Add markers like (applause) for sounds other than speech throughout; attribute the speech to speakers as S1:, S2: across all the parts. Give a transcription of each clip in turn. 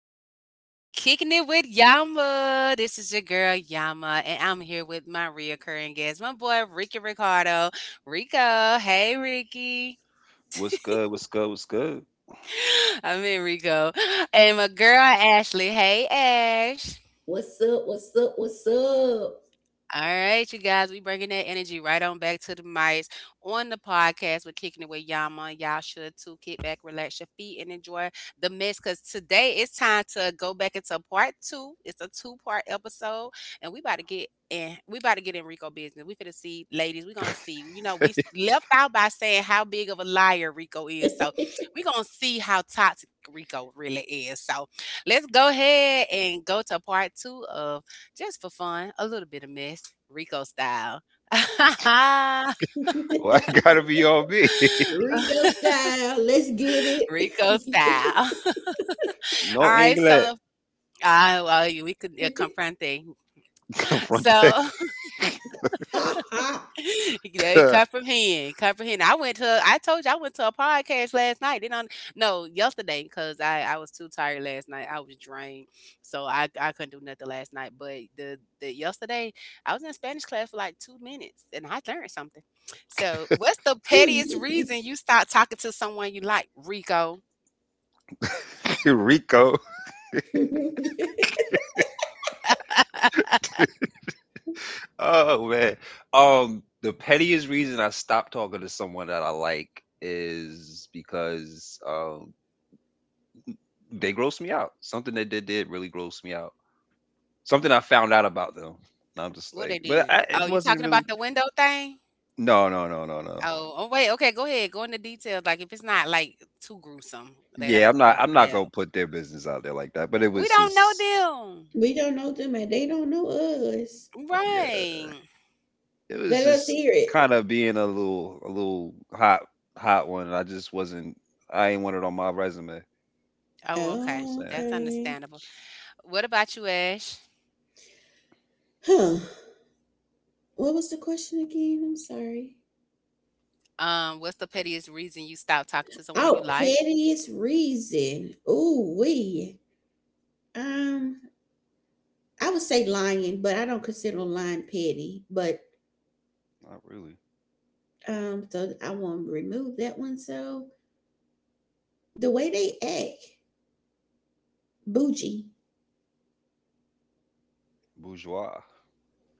S1: am back with Kicking It With Yama. This is your girl, Yama, and I'm here with my reoccurring guest, my boy, Ricky Ricardo. Rico, hey, Ricky.
S2: What's good? What's good? What's good?
S1: (gasps) I'm in Rico. And my girl, Ashley. Hey, Ash.
S3: What's up? What's up? What's up?
S1: All right, you guys, we bringing that energy right on back to the mics on the podcast. We're kicking it with Yama. Y'all should too. Kick back, relax your feet, and enjoy the mix. Cause today it's time to go back into part two. It's a two-part episode, and we about to get in. We about to get in Rico business. We finna see, ladies. We gonna see. You know, left out by saying how big of a liar Rico is. So we gonna see how toxic Rico really is. So let's go ahead and go to part two of just for fun, a little bit of mess, Rico style. (laughs)
S2: (laughs)
S3: (laughs)
S2: Why it gotta be on me? (laughs)
S3: Rico style. Let's get
S1: Rico
S3: it.
S1: style. (laughs)
S2: No
S1: All right, so
S2: England.
S1: we could confront thing.
S2: (laughs) Confronteca.
S1: So
S3: (laughs) ha ha.
S1: (laughs) They comprehend, comprehend. I told you I went to a podcast last night. Then on, no, Yesterday, because I was too tired last night. I was drained, so I couldn't do nothing last night. But the yesterday I was in Spanish class for like 2 minutes and I learned something. So what's the
S3: Two
S1: pettiest reason
S3: business.
S1: you stop talking to someone you like, Rico?
S2: (laughs) Rico.
S3: (laughs)
S2: Oh man. The pettiest reason I stopped talking to someone that I like is because they gross me out. Something that they did really grossed me out. Something I found out about them. And I'm just
S1: What
S2: like,
S1: they
S2: but
S1: did? Oh,
S2: it
S1: you
S2: wasn't
S1: talking
S2: really.
S1: about the window thing?
S2: No, no, no, no, no.
S1: Okay, go ahead. Go into details. Like if it's not like too gruesome, they don't get those.
S2: I'm not gonna put their business out there like that. But it
S1: We
S2: was
S1: don't
S2: just.
S1: know
S3: We don't know them and they don't know us.
S1: them.
S2: Yeah,
S1: Right.
S2: it was
S3: Let us
S2: just
S3: hear it.
S2: kind of being a little hot one. I just wasn't. I ain't want it on my resume. I
S1: Oh, okay.
S2: was
S3: Oh,
S2: saying
S1: That's
S3: okay.
S1: understandable. What about you, Ash?
S3: Huh. What was the question again? I'm sorry.
S1: What's the pettiest reason you stopped talking to someone you
S3: Oh,
S1: like?
S3: pettiest reason. Ooh, we. Um, I would say lying, but I don't consider lying petty. But
S2: not really
S3: so I won't remove that one. So the way they act, bougie.
S2: bourgeois.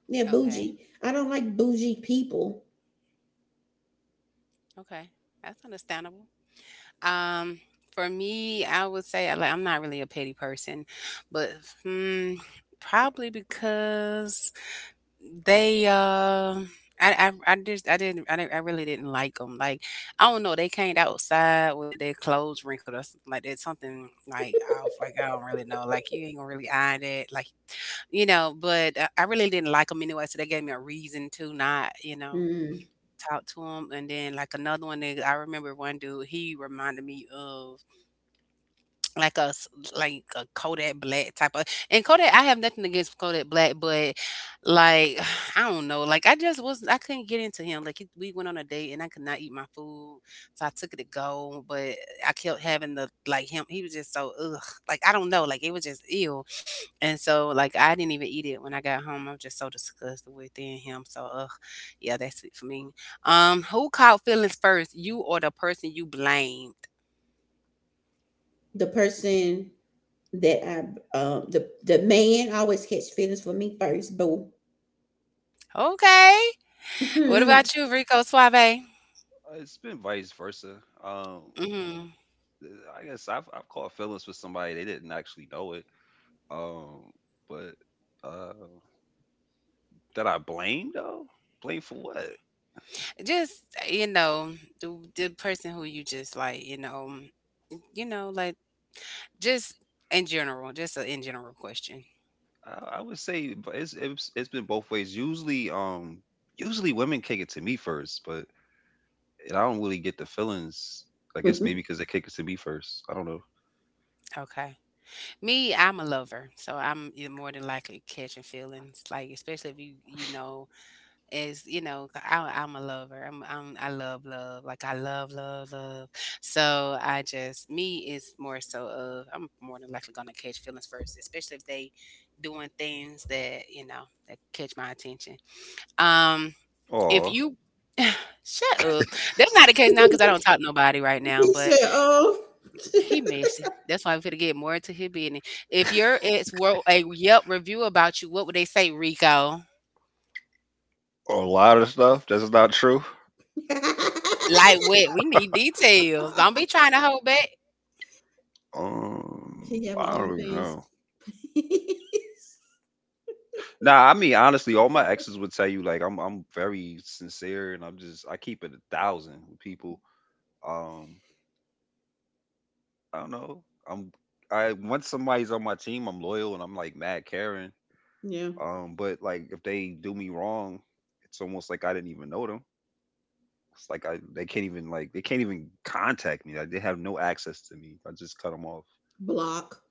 S3: Yeah,
S1: Okay.
S3: bougie. I don't like bougie people.
S1: Okay. That's understandable. Um, for me, I would say I'm not really a petty person, but hmm, probably because they I didn't I really didn't like them. Like I don't know, they came outside with their clothes wrinkled or something like that. Something like off. Like I don't really know. Like you ain't gonna really iron that. But I really didn't like them anyway. So they gave me a reason to not
S3: Mm.
S1: talk to them. And then like another one, that I remember one dude. He reminded me of like a s like a Kodak Black type of, and Kodak, I have nothing against Kodak Black, but, like, (sighs) I don't know, like, I just was I couldn't get into him, like, he we went on a date and I could not eat my food, so I took it to go, but I kept having the like, him he was just so, ugh, like, I don't know, like, it was just ill, and so, like, I didn't even eat it when I got home, I'm just so disgusted with it and him, so, ugh, yeah, that's it for me. Who caught feelings first, you or the person you blamed?
S3: The person that I, the man always catch feelings for me first. Boo.
S1: Okay.
S3: (laughs)
S1: What
S3: He
S1: about you, Rico Suave?
S2: It's been vice versa. Um,
S1: Mhm.
S2: I guess I've caught feelings with somebody they didn't actually know it. Um, but uh, that I blame though. Blame for what?
S1: Just, you know, the person who you just like, you know, mm, you know, like just in general, just a in general question.
S2: I would say it's, it's been both ways. Usually, usually women kick it to me first, but and I don't really get the feelings. I guess maybe because they kick it to me first. I don't know.
S1: Okay. Me, I'm a lover, so I'm, you more than likely catching feelings, like especially if you you know is you know, 'cause I'm a lover, I'm I love love like I love love love, so I just me is more so of I'm more than likely gonna catch feelings first, especially if they doing things that you know that catch my attention. um if
S2: Oh,
S1: you (sighs) shut up, that's not the case now because I don't talk to nobody right now, but
S3: said, "Oh,
S1: he messy, that's why we're gonna get more into his business. If your ex wrote a Yelp review about you, what would they say, Rico?
S2: a lot of stuff that's not true.
S3: (laughs)
S1: Lightweight. We need details. Don't be trying to hold back.
S2: Um,
S3: he have
S2: I don't even
S3: OnlyFans."
S2: know.
S3: (laughs)
S2: Nah, I mean honestly, all my exes would tell you like I'm very sincere and I'm just I keep it a thousand with people. Um, I don't know. I'm I once somebody's on my team, I'm loyal and I'm like mad caring.
S3: Yeah,
S2: But like if they do me wrong, it's almost like I didn't even know them. It's like I they can't even they can't even contact me. Like they have no access to me. I just cut them off.
S3: block.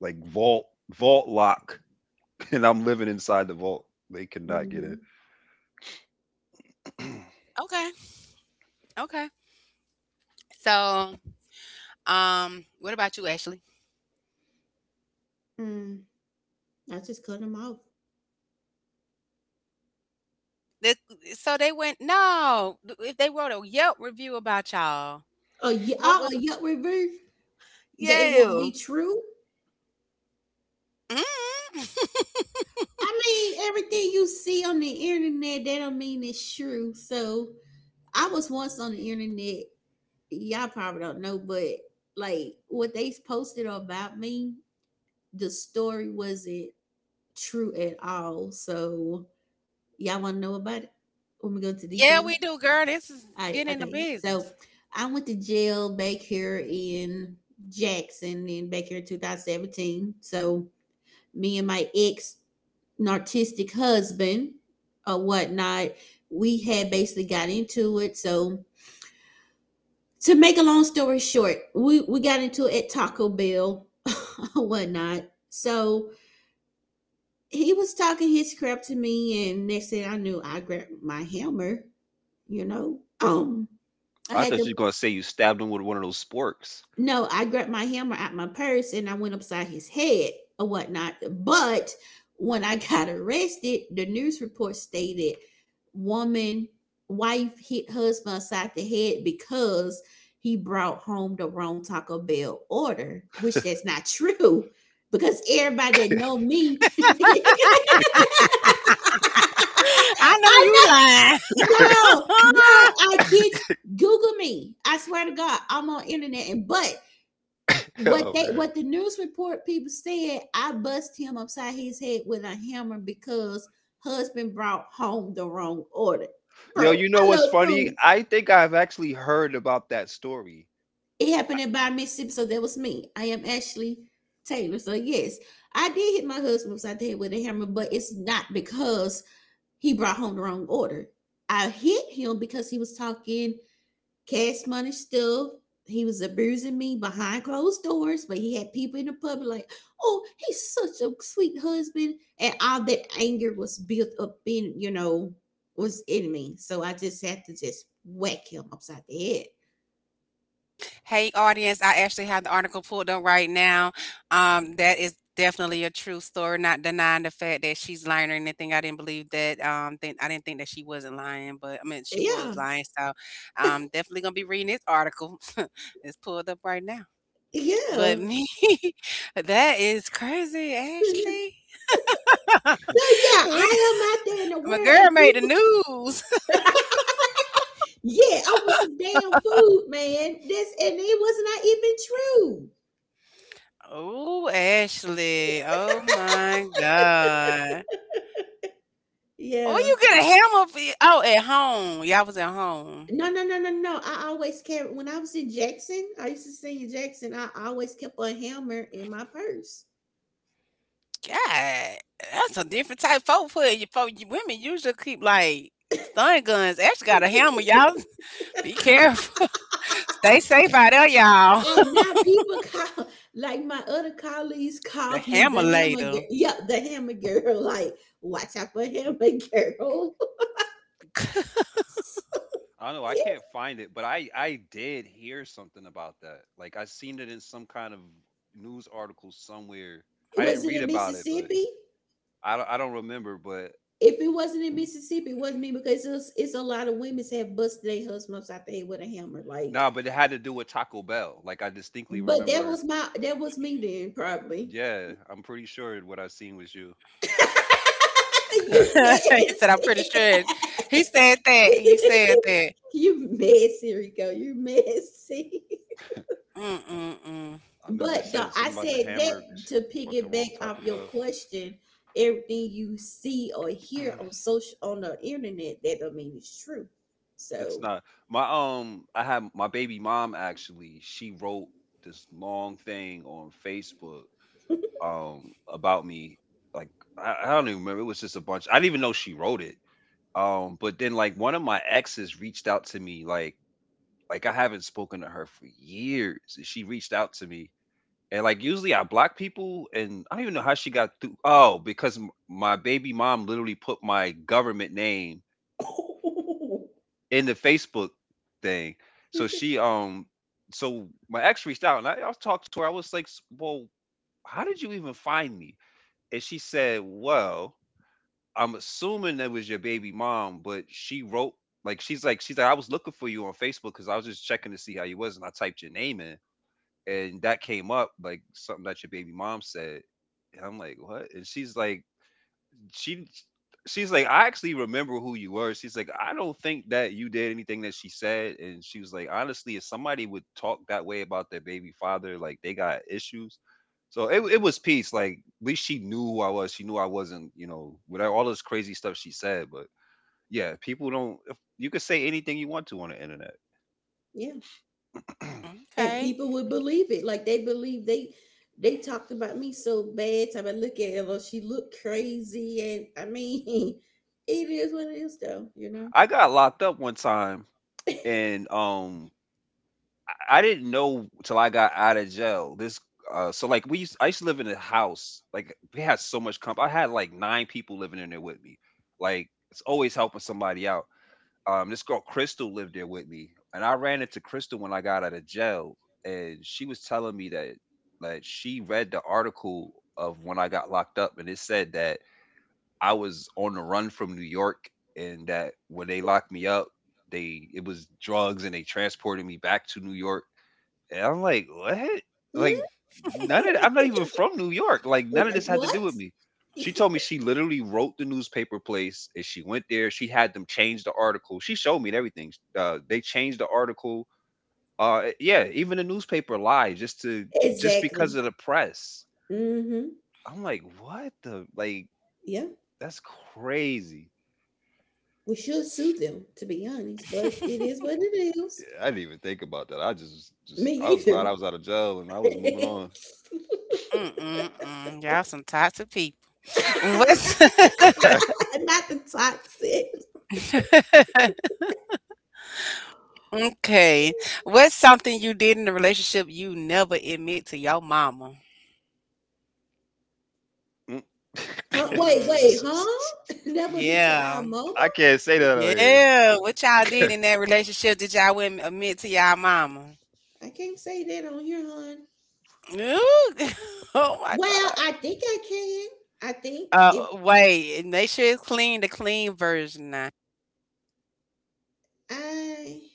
S2: Like vault vault lock, (laughs) and I'm living inside the vault. They cannot get in.
S3: Hmm.
S1: Okay. Okay. So, what about you, Ashley?
S3: Mm. I just cut him off.
S1: The, so they went, no, If they wrote a Yelp review about y'all,
S3: Oh yeah,
S1: what
S3: oh,
S1: was,
S3: a Yelp review that it won't
S1: yeah.
S3: be true.
S1: mm (laughs)
S3: I mean, everything you see on the internet, that don't mean it's true. So I was once on the internet. Y'all probably don't know, but like what they posted about me, the story wasn't true at all. So y'all want to know about it? When we go into detail.
S1: Yeah, we do, girl. This is
S3: All right.
S1: getting in the
S3: Okay. So
S1: business.
S3: I went to jail back here in Jackson in back here in 2017. So me and my ex narcissistic husband or whatnot. We had basically got into it. So to make a long story short, we got into it at Taco Bell (laughs) or whatnot. So he was talking his crap to me and next thing I knew I grabbed my hammer, you know.
S2: (clears throat)
S3: I
S2: I
S3: had
S2: thought
S3: to
S2: you were gonna say you stabbed him with one of those sporks.
S3: no, I grabbed my hammer out my purse and I went upside his head or whatnot. But when I (laughs) got arrested, the news report stated woman, wife hit husband upside the head because he brought home the wrong Taco Bell order, which that's not true. Because everybody that know me, (laughs)
S1: (laughs) I know you
S3: I
S1: lying.
S3: know,
S2: (laughs)
S3: no, no, I
S1: (laughs)
S3: kid you. Google me. I swear to God, I'm on internet and but what
S2: Oh
S3: they
S2: man.
S3: what the news report people said, I bust him upside his head with a hammer because husband brought home the wrong order.
S2: Yo,
S3: Bro,
S2: you know
S3: I
S2: what's
S3: love
S2: funny?
S3: food.
S2: I think I've actually heard about that story.
S3: It happened in by Mississippi, so that was me. I am Ashley Taylor. So yes, I did hit my husband upside the head with a hammer, but it's not because he brought home the wrong order. I hit him because he was talking Cash Money Stuff. He was abusing me behind closed doors, but he had people in the public like, oh, he's such a sweet husband. And all that anger was built up in, you know, was in me. So I just had to just whack him upside the head.
S1: Hey, audience, I actually have the article pulled up right now. That is definitely a true story, not denying the fact that she's lying or anything. I didn't believe that. I didn't think that she wasn't lying, but I mean, she was
S3: Yeah.
S1: lying. So I'm definitely going to be reading this article. (laughs) It's pulled up right now. But
S3: Yeah.
S1: me, (laughs) that is crazy, Ashley.
S3: (laughs) So
S1: (laughs)
S3: yeah,
S1: We-
S3: I am out there in the
S1: My
S3: world
S1: girl
S3: and
S1: made the
S3: people
S1: news. (laughs)
S3: (laughs) yeah, over some damn food, man. This and it was not even true.
S1: Oh, Ashley. Oh, my God. Oh,
S3: Yeah.
S1: you get a hammer for your, oh at home. Y'all was at home.
S3: No, no, no, no, no. I always carry when I was in Jackson, I used to sing in Jackson, I always kept a hammer in my purse.
S1: God, that's a different type. Folk put you folk you- Women usually keep like stun guns. Actually got a hammer, y'all. (laughs) Be
S2: (laughs)
S1: careful. (laughs) Stay safe out there, y'all.
S3: And
S1: (laughs)
S3: now people (laughs) call like my other colleagues
S1: The
S3: call me the
S1: hammer
S3: hammer
S1: later.
S3: girl. Yeah, the hammer girl. (laughs) Like, watch out for hammer girl. (laughs)
S1: (laughs)
S2: I don't know. I
S3: Yeah.
S2: can't find it, but I did hear something about that. Like I seen it in some kind of news article somewhere. I
S3: Was
S2: didn't
S3: it
S2: read
S3: in
S2: about it, but
S3: Mississippi?
S2: I don't remember. But
S3: If it wasn't in Mississippi, it wasn't me because it's a lot of women have busted their husband upside the head with a hammer. Like,
S2: no, but it had to do with Taco Bell. Like I distinctly
S3: but that
S2: remembered.
S3: was me then probably.
S2: Yeah, I'm pretty sure what I seen was you.
S3: (laughs)
S2: (laughs)
S3: You
S2: I
S1: He said, I'm pretty
S3: messy.
S1: sure. He said that. He said that.
S3: (laughs) You messy, Rico. You messy.
S1: Mm mm mm.
S2: remember it
S3: But the,
S2: said
S3: I
S2: something about the
S3: said
S2: hammer
S3: that
S2: because she
S3: to
S2: bought the wrong
S3: piggyback
S2: Taco
S3: off your
S2: Bell.
S3: question. Everything you see or hear
S2: (clears throat)
S3: on social on the internet, that don't mean it's true.
S2: It's
S3: So,
S2: not my I had my baby mom actually. She wrote this long thing on Facebook um about me. Like I don't even remember. It was just a bunch. I didn't even know she wrote it. But then like one of my exes reached out to me. Like I haven't spoken to her for years, and she reached out to me. And like usually I block people, and I don't even know how she got through. Oh, because my baby mom literally put my government name in the Facebook thing. So
S3: (laughs)
S2: she so my ex reached out, and I talked to her. I was like, "Well, how did you even find me?" And she said, "Well, I'm assuming that was your baby mom, but she wrote." Like she's like I was looking for you on Facebook because I was just checking to see how you was and I typed your name in, and that came up like something that your baby mom said. And I'm like, what? And she's like, she she's like I actually remember who you were. She's like I don't think that you did anything that she said. And she was like honestly, if somebody would talk that way about their baby father, like they got issues. So it was peace. Like at least she knew who I was, she knew I wasn't, you know, with all this crazy stuff she said. But yeah, people don't, you could say anything you want to on the internet.
S3: yeah. And
S1: Okay. (laughs)
S3: people would believe it. Like they believe they talked about me so bad. Time I look at her, she looked crazy, and I mean, (laughs) it is what it is, though. You know,
S2: I got locked up one time, and I didn't know till I got out of jail. This so like I used to live in a house. Like we had so much comp. I had like nine people living in there with me. Like it's always helping somebody out. This girl Crystal lived there with me. And I ran into Crystal when I got out of jail, and she was telling me that like, she read the article of when I got locked up, and it said that I was on the run from New York, and that when they locked me up, they it was drugs, and they transported me back to New York. And I'm like, what?
S3: hmm?
S2: Like, none of I'm not even from New York. Like, none of
S3: Like
S2: this had to do
S3: what?
S2: with
S3: (laughs)
S2: me. She told me she literally wrote the newspaper place and she went there. She had them change the article. She showed me and everything. They changed the article. Yeah, even the newspaper lied just to just because
S3: exactly.
S2: of the press.
S3: Mm-hmm.
S2: I'm like, what the like?
S3: Yeah,
S2: That's crazy.
S3: we should sue them, to be honest. But it is what it is.
S2: I didn't even think about that. I just
S3: Me
S2: just I was glad I
S3: either.
S2: was out of jail and I was moving on.
S3: (laughs)
S1: Mm mm mm. Y'all some toxic people. (laughs) What's
S2: (laughs)
S3: Not the toxic.
S1: (laughs) Okay. What's something you did in the relationship you never admit to your mama?
S2: Mm.
S3: Huh?
S1: Mm.
S3: Huh? (laughs)
S2: (laughs)
S3: Never meet to our
S1: Yeah.
S2: I
S3: mama.
S2: can't say that on here.
S1: Yeah. What y'all did in that relationship that y'all wouldn't admit to y'all mama?
S3: I can't say that on here, hon.
S1: Ooh. (laughs) Oh my
S3: Well,
S1: God.
S3: I think I can. I think if
S1: Wait. And make sure it's clean, the clean version now.
S3: I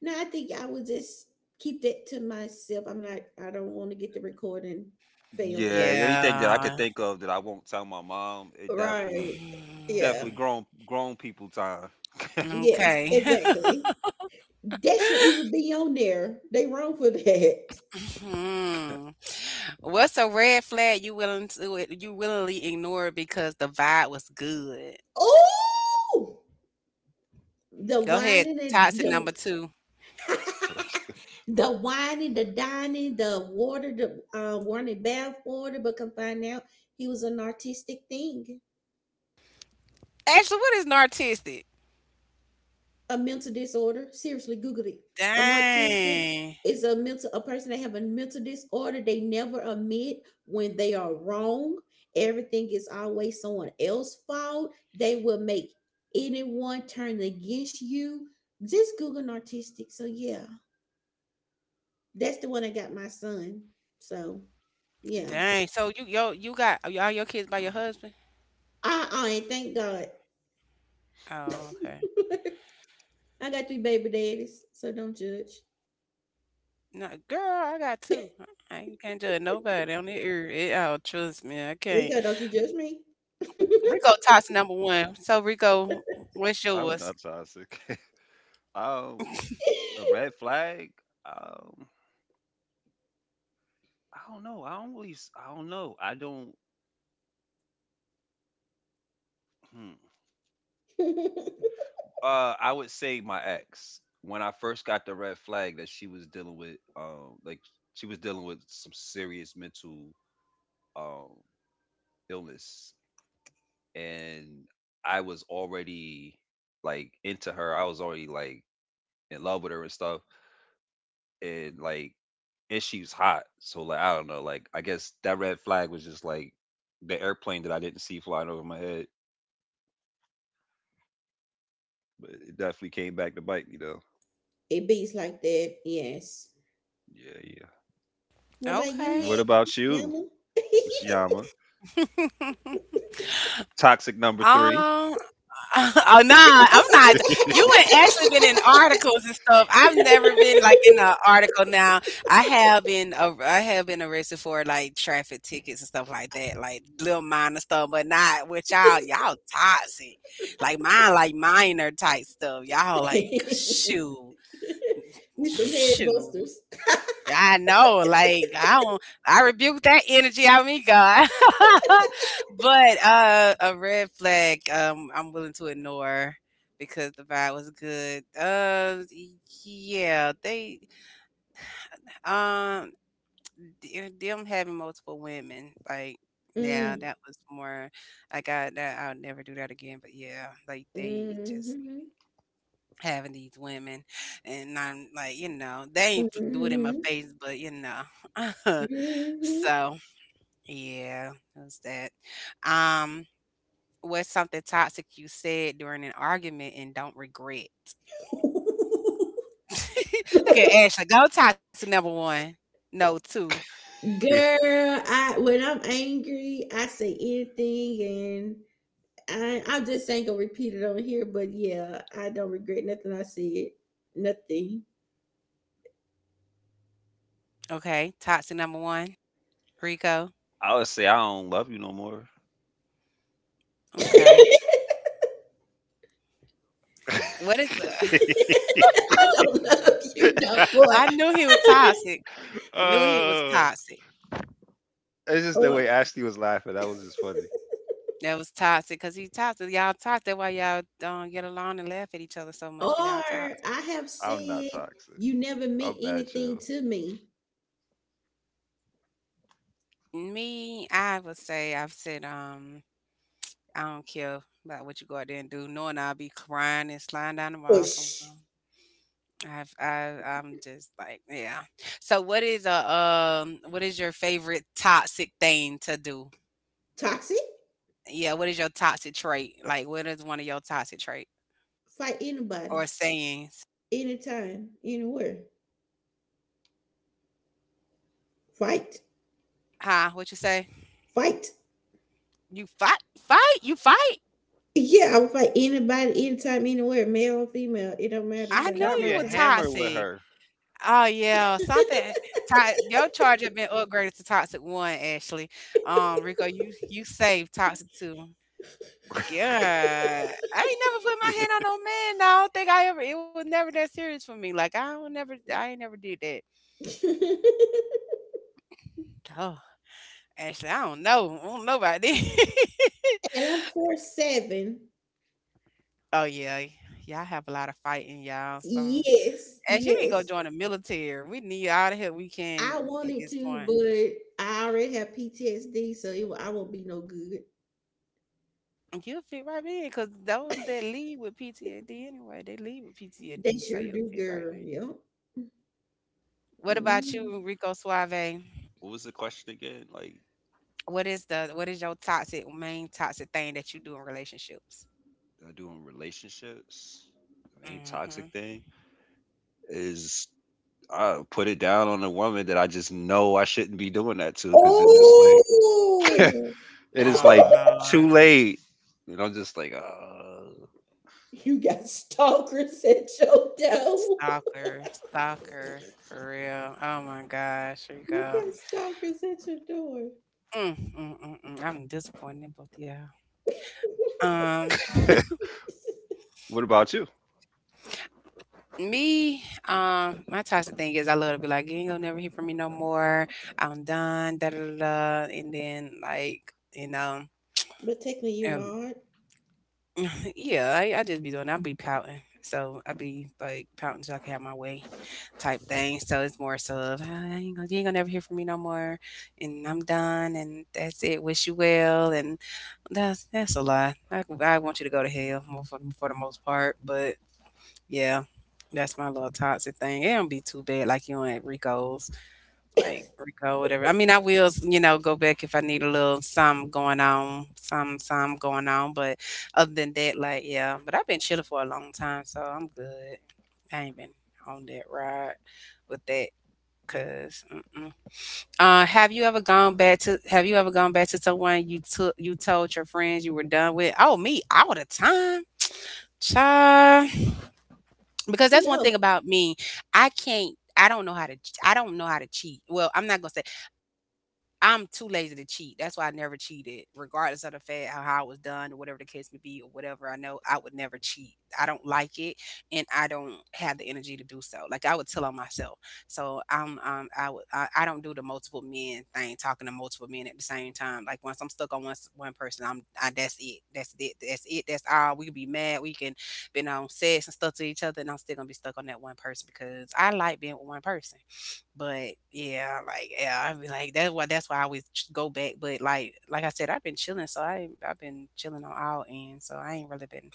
S3: no, I think I would just keep that to myself. I'm not. I don't want to get the recording failed.
S2: Yeah,
S3: So
S2: anything that I could
S1: Yeah.
S2: think of that I won't tell my mom, it definitely
S3: right,
S2: definitely
S3: yeah,
S1: Mm.
S2: grown grown people time.
S3: yeah,
S1: Okay.
S3: exactly. That should even
S1: (laughs)
S3: be on there. They wrong for that. (laughs)
S1: Hmm. What's a red flag you willing to you willingly ignore because the vibe was good?
S3: Oh, the
S1: Go ahead.
S3: whining and
S1: Toxic
S3: the
S1: number two.
S3: (laughs)
S2: (laughs)
S3: the whining, the dining, the water, the warning bath water, but come find out he was an artistic thing,
S1: Ashley, what is narcissistic?
S3: a mental disorder. Seriously, Google it. An autistic
S1: Dang.
S3: is a person that have a mental disorder. They never admit when they are wrong. Everything is always someone else's fault. They will make anyone turn against you. Just Google an artistic. So yeah, that's the one I got my son. So yeah.
S1: Dang. So you yo you got, are all your kids by your husband?
S3: And thank God.
S1: Oh, okay.
S3: (laughs) I got 3 baby daddies, so don't judge.
S1: No, girl, I got two. I ain't- can't judge nobody on the ear at all. Trust me, I can't.
S3: Rico, don't you judge me. (laughs)
S1: Rico toxic number one. So Rico, what's
S2: I'm
S1: yours?
S2: not toxic. (laughs) um,
S1: (laughs)
S2: a red flag. Um, I don't know. I don't know. I don't. Hmm.
S3: It
S2: I would say my ex. When I first got the red flag that she was dealing with, she was dealing with some serious mental um illness, and I was already like into her. I was already like in love with her and stuff, and like and she was hot. So like I don't know. Like I guess that red flag was just like the airplane that I didn't see flying over my head, but it definitely came back to bite me though.
S3: beats like that, yes.
S2: Yeah, yeah.
S3: What about you,
S1: Okay.
S2: What
S3: Yan?
S2: about you,
S3: Yama?
S2: Miss Yama? Toxic number three.
S1: Um, (laughs) oh no, I'm not. You and Ashley been in
S3: (laughs)
S1: articles and stuff. I've never been like in an article. Now I have been, I have been arrested for like traffic tickets and stuff like that, like little minor stuff, but not with y'all. Y'all toxic, like mine, like minor type stuff. Y'all like shoot,
S3: We some
S1: shoot.
S3: headbusters.
S1: I know, like I don't, I rebuke that energy out of me, God. (laughs) But a red flag, I'm willing to ignore because the vibe was good. Yeah, um, them having multiple women, like, yeah,
S3: Mm,
S1: that was more. Like, I got that. I'll never do that again. But yeah, like they just
S3: mm-hmm,
S1: having these women, and I'm like, you know, they ain't f- do it in my
S3: mm-hmm,
S1: face, but you know, (laughs)
S3: mm-hmm.
S1: so. Yeah, it was that. Um, what's something toxic you said during an argument and don't regret? (laughs) Look at
S3: (laughs)
S1: Ashley. Go toxic number one. No, two.
S3: Girl,
S2: (laughs)
S3: I when I'm angry, I say anything and I just ain't gonna repeat it on here, but yeah, I don't regret nothing I said. Nothing.
S1: Okay. Toxic number one. Rico.
S2: I would say I don't love you no more.
S3: (laughs)
S1: Okay.
S3: I
S1: What is
S3: don't love you no
S1: (laughs)
S3: more.
S1: I knew he was
S3: (laughs)
S1: toxic.
S2: (laughs)
S1: Knew he was
S2: uh,
S1: toxic.
S2: It's just the
S3: Or
S2: way Ashley was laughing. That was just funny.
S1: That was toxic because he toxic. Y'all toxic. That's why y'all don't get along and laugh at each other so
S3: or
S1: much because y'all toxic.
S3: I have
S2: I'm not
S3: said
S2: toxic.
S3: you never meant
S2: I'm bad
S3: anything
S2: chill.
S3: to me.
S1: Me, I would say I've said I don't care about what you go out there and do, knowing I'll be crying and sliding down the wall somewhere.
S3: Ush.
S1: I'm just like, yeah. So, what is a what is your favorite toxic thing to do?
S3: Toxic.
S1: Yeah, what is your toxic trait? Like, what is one of your toxic traits
S3: Fight
S1: or
S3: anybody.
S1: sayings?
S3: Anytime. Anywhere. Fight.
S1: Huh? What you say?
S3: Fight.
S1: You fight, fight, you fight.
S3: Yeah, I would fight anybody, anytime, anywhere, male or female. It don't matter.
S2: She
S1: I
S3: So
S1: know
S3: that's my
S2: carry
S1: you
S2: a
S1: were
S3: toxic.
S2: hammer with
S1: toxic.
S2: her.
S1: Oh yeah, something. To- your charge have been upgraded to toxic one, Ashley. Rico, you saved toxic two.
S2: (laughs)
S1: Yeah. I ain't never put my hand on no man, no, I don't think I ever, it was never that serious for me, like, I ain't never did that.
S3: (laughs)
S1: Oh, actually, I don't know about that. (laughs)
S3: And I'm 4'7".
S1: Oh, yeah, y'all have a lot of fighting, y'all, so
S3: Yes,
S1: as you need to go
S3: yes.
S1: join the military, we need all the help we
S3: I
S1: can at
S3: wanted
S1: this
S3: to,
S1: point.
S3: but I already have PTSD, so I won't be no good.
S1: You'll fit right in because those that leave with PTSD anyway, they leave with
S3: They
S1: PTSD, so
S3: sure
S1: you'll
S3: do,
S1: fit right
S3: girl.
S1: in.
S3: Yep.
S1: What about
S3: Mm.
S1: you, Rico Suave?
S2: What was the question again? Like
S1: What is your toxic main toxic thing that you do in relationships?
S2: I do in relationships, the main toxic
S1: Mhm.
S2: thing is I put it down on a woman that I just know I shouldn't be doing that to because then it's like
S3: Oh,
S2: (laughs) it is
S3: (laughs)
S2: like
S1: Oh
S2: too
S1: Lord.
S2: late, and I'm just like,
S3: you got stalkers at your door.
S1: Stalker, stalker,
S3: (laughs)
S1: for real. Oh my gosh, here you
S3: You
S1: go.
S3: got stalkers at your door.
S1: Mm, mm, mm, mm. I'm disappointed in both of y'all.
S3: (laughs)
S1: Um,
S2: uh, (laughs) What about you?
S1: Me, my toxic thing is I love to be like, you ain't gonna never hear from me no more. I'm done, da da da. Da," and then like, you know,
S3: But technically, you're not.
S1: (laughs) yeah, I just be doing, I'll be pouting. So I be like pouting so I can have my way type thing. So it's more so of "Ah, you ain't gonna never hear from me no more and I'm done and that's it. Wish you well and that's a lie. I want you to go to hell for the most part. But yeah, that's my little toxic thing. It don't be too bad like you and Rico's like Rico, whatever. I mean, I will, go back if I need a little something going on, some going on. But other than that, like yeah. But I've been chilling for a long time, so I'm good. I ain't been on that ride with that, cause. Mm-mm. Have you ever gone back to? Have you ever gone back to someone you took? You told your friends you were done with? Oh, me all the time, child. Because that's one thing
S3: No,
S1: about me. I can't. I don't know how to. I don't know how to cheat. Well, I'm not gonna say. I'm too lazy to cheat. That's why I never cheated, regardless of the fact how, it was done or whatever the case may be or whatever. I know I would never cheat. I don't like it, and I don't have the energy to do so. Like I would tell on myself. So I'm, I would, I don't do the multiple men thing, talking to multiple men at the same time. Like once I'm stuck on one person, that's it, that's all. We can be mad, we can, been on sex and stuff to each other, and I'm still gonna be stuck on that one person because I like being with one person. But yeah, like yeah, I'd be like that's why I always go back. But like I said, I've been chilling, so I've been chilling on all ends. So I ain't really been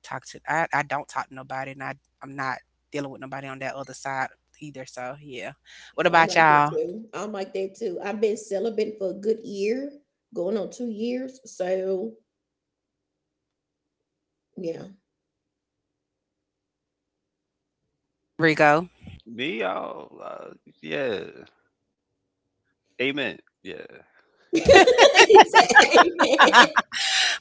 S1: talk to I don't talk to nobody, and I'm not dealing with nobody on that other side either. So yeah, what
S3: I'm
S1: about
S3: like that
S1: y'all,
S3: too. I'm like that too. I've been celibate for a good year, going on 2 years. So, yeah.
S1: Rico?
S2: me, I'll, uh, yeah, amen, yeah.
S3: (laughs) He said, amen.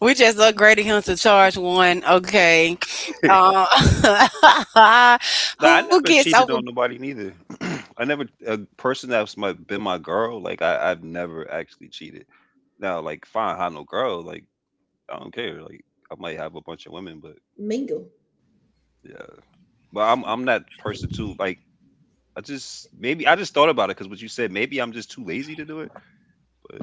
S1: We just upgraded him to charge one. Okay,
S2: (laughs)
S1: uh, (laughs)
S2: Nah,
S1: who
S2: I
S1: gets
S2: never
S1: over.
S2: cheated on nobody neither. (clears throat) I never A person that's my been my girl. Like I've never actually cheated. Now, like fine, I no girl. Like I don't care. Like I might have a bunch of women, but
S3: Mingle.
S2: yeah. But I'm that person too. Like I just maybe I just thought about it because what you said. Maybe I'm just too lazy to do it. But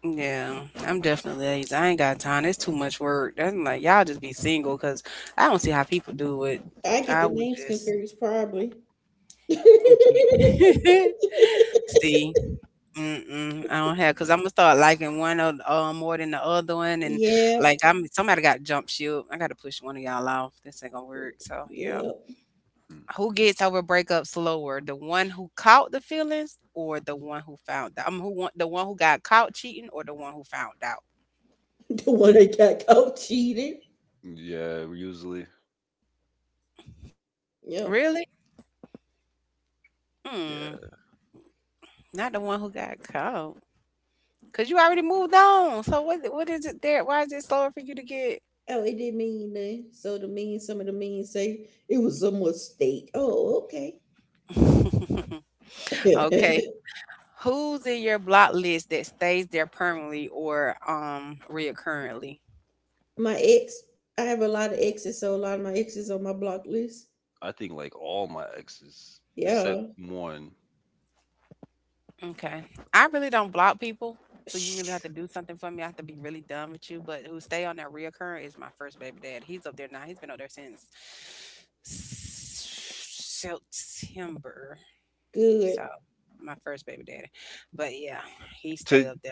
S1: Yeah, I'm definitely lazy. I ain't got time. It's too much work. That's like y'all just be single because I don't see how people do it.
S3: I get
S1: I
S3: the
S1: would
S3: names
S1: just
S3: confused, probably. (laughs)
S1: yeah. (laughs) See. Mm-mm, I don't have because I'm gonna start liking one or more than the other one, and
S3: Yep,
S1: like I'm somebody got jump ship. I got to push one of y'all off. This ain't gonna work. So yeah,
S3: yep.
S1: who gets over breakup slower? The one who caught the feelings, or the one who found out? I'm who want the one who got caught cheating, or the one who found out?
S3: The one that got caught cheated.
S2: mm, yeah, usually
S3: Yep.
S1: Really? Hmm,
S2: yeah.
S1: not the one who got caught. Cause you already moved on. So what is it there? Why is it slower for you to get?
S3: Oh, it didn't mean nothing. So the mean, some of the mean say it was a mistake. Oh, okay.
S1: (laughs) Okay.
S3: (laughs)
S1: Who's in your block list that stays there permanently or reoccurrently?
S3: My ex, I have a lot of exes, so a lot of my exes on my block list.
S2: I think like all my exes except
S3: Yeah.
S2: one.
S1: Okay. I really don't block people. So you really have
S3: Shh,
S1: to do something for me. I have to be really done with you. But who stay on that reoccurring is my first baby dad. He's up there now. He's been up there since September.
S3: good.
S1: So, my first baby daddy. But yeah, he
S2: To
S1: stay up there.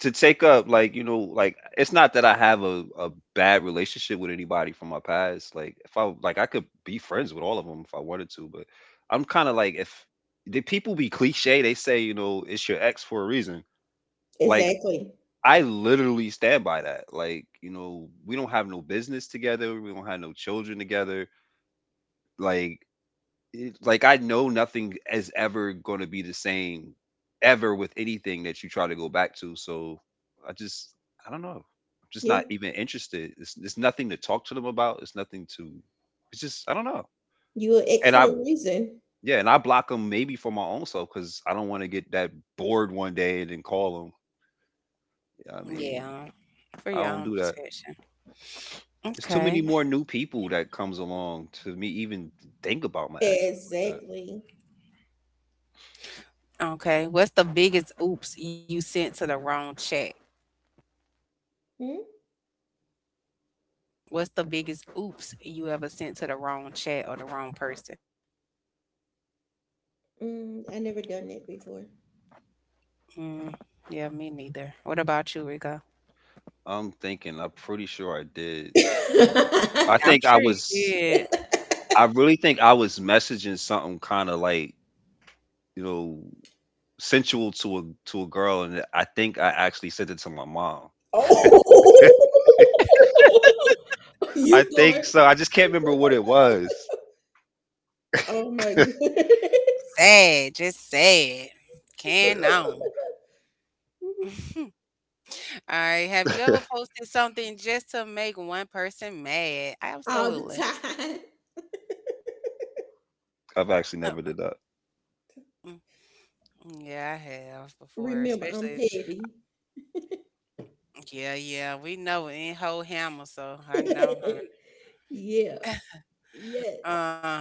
S2: to take up like you know like it's not that I have a bad relationship with anybody from my past. Like if I like I could be friends with all of them if I wanted to, but I'm kind of like if the people be cliche, they say you know it's your ex for a reason. Like
S3: Exactly.
S2: I literally stand by that. Like you know we don't have no business together, we don't have no children together, like like I know nothing is ever going to be the same ever with anything that you try to go back to. So I just I don't know. I'm just
S3: Yeah.
S2: not even interested. It's nothing to talk to them about. It's nothing to. It's just I don't know.
S3: You an ex
S2: And I
S3: for a reason.
S2: Yeah, and I block them maybe for my own self because I don't want to get that bored one day and then call them. I mean,
S1: Yeah. For
S2: I
S1: your
S2: don't
S1: own
S2: do that.
S1: protection.
S2: There's too many
S1: Okay.
S2: more new people that comes along to me even think about my exes like that.
S3: Exactly.
S1: Okay. What's the biggest oops you sent to the wrong chat?
S3: Hmm?
S1: What's the biggest oops you ever sent to the wrong chat or the wrong person?
S3: Mm, I never done that before.
S1: Mm, yeah, me neither. What about you, Rico?
S2: I'm thinking. I'm pretty sure I did. I
S3: (laughs)
S1: I'm
S2: think I
S1: sure you
S2: was
S1: did.
S2: I really think I was messaging something kind of like, you know, sensual to a girl, and I think I actually sent it to my mom.
S3: oh,
S2: (laughs)
S3: (laughs)
S2: I
S3: you
S2: think
S3: going?
S2: so. I just can't remember what it was.
S3: Oh my goodness!
S1: Sad, just sad. Can on.
S3: (laughs)
S1: (laughs) All right. Have you
S2: (laughs)
S1: ever posted something just to make one person mad?
S3: All the
S1: Absolutely.
S3: time.
S2: I've actually never did that.
S1: (laughs) Yeah, I have before,
S3: Remember, I'm
S1: especially
S3: petty.
S1: yeah, yeah, we know in whole hammer, so I know,
S3: (laughs)
S1: hun.
S3: Yeah. Yes.
S1: Uh,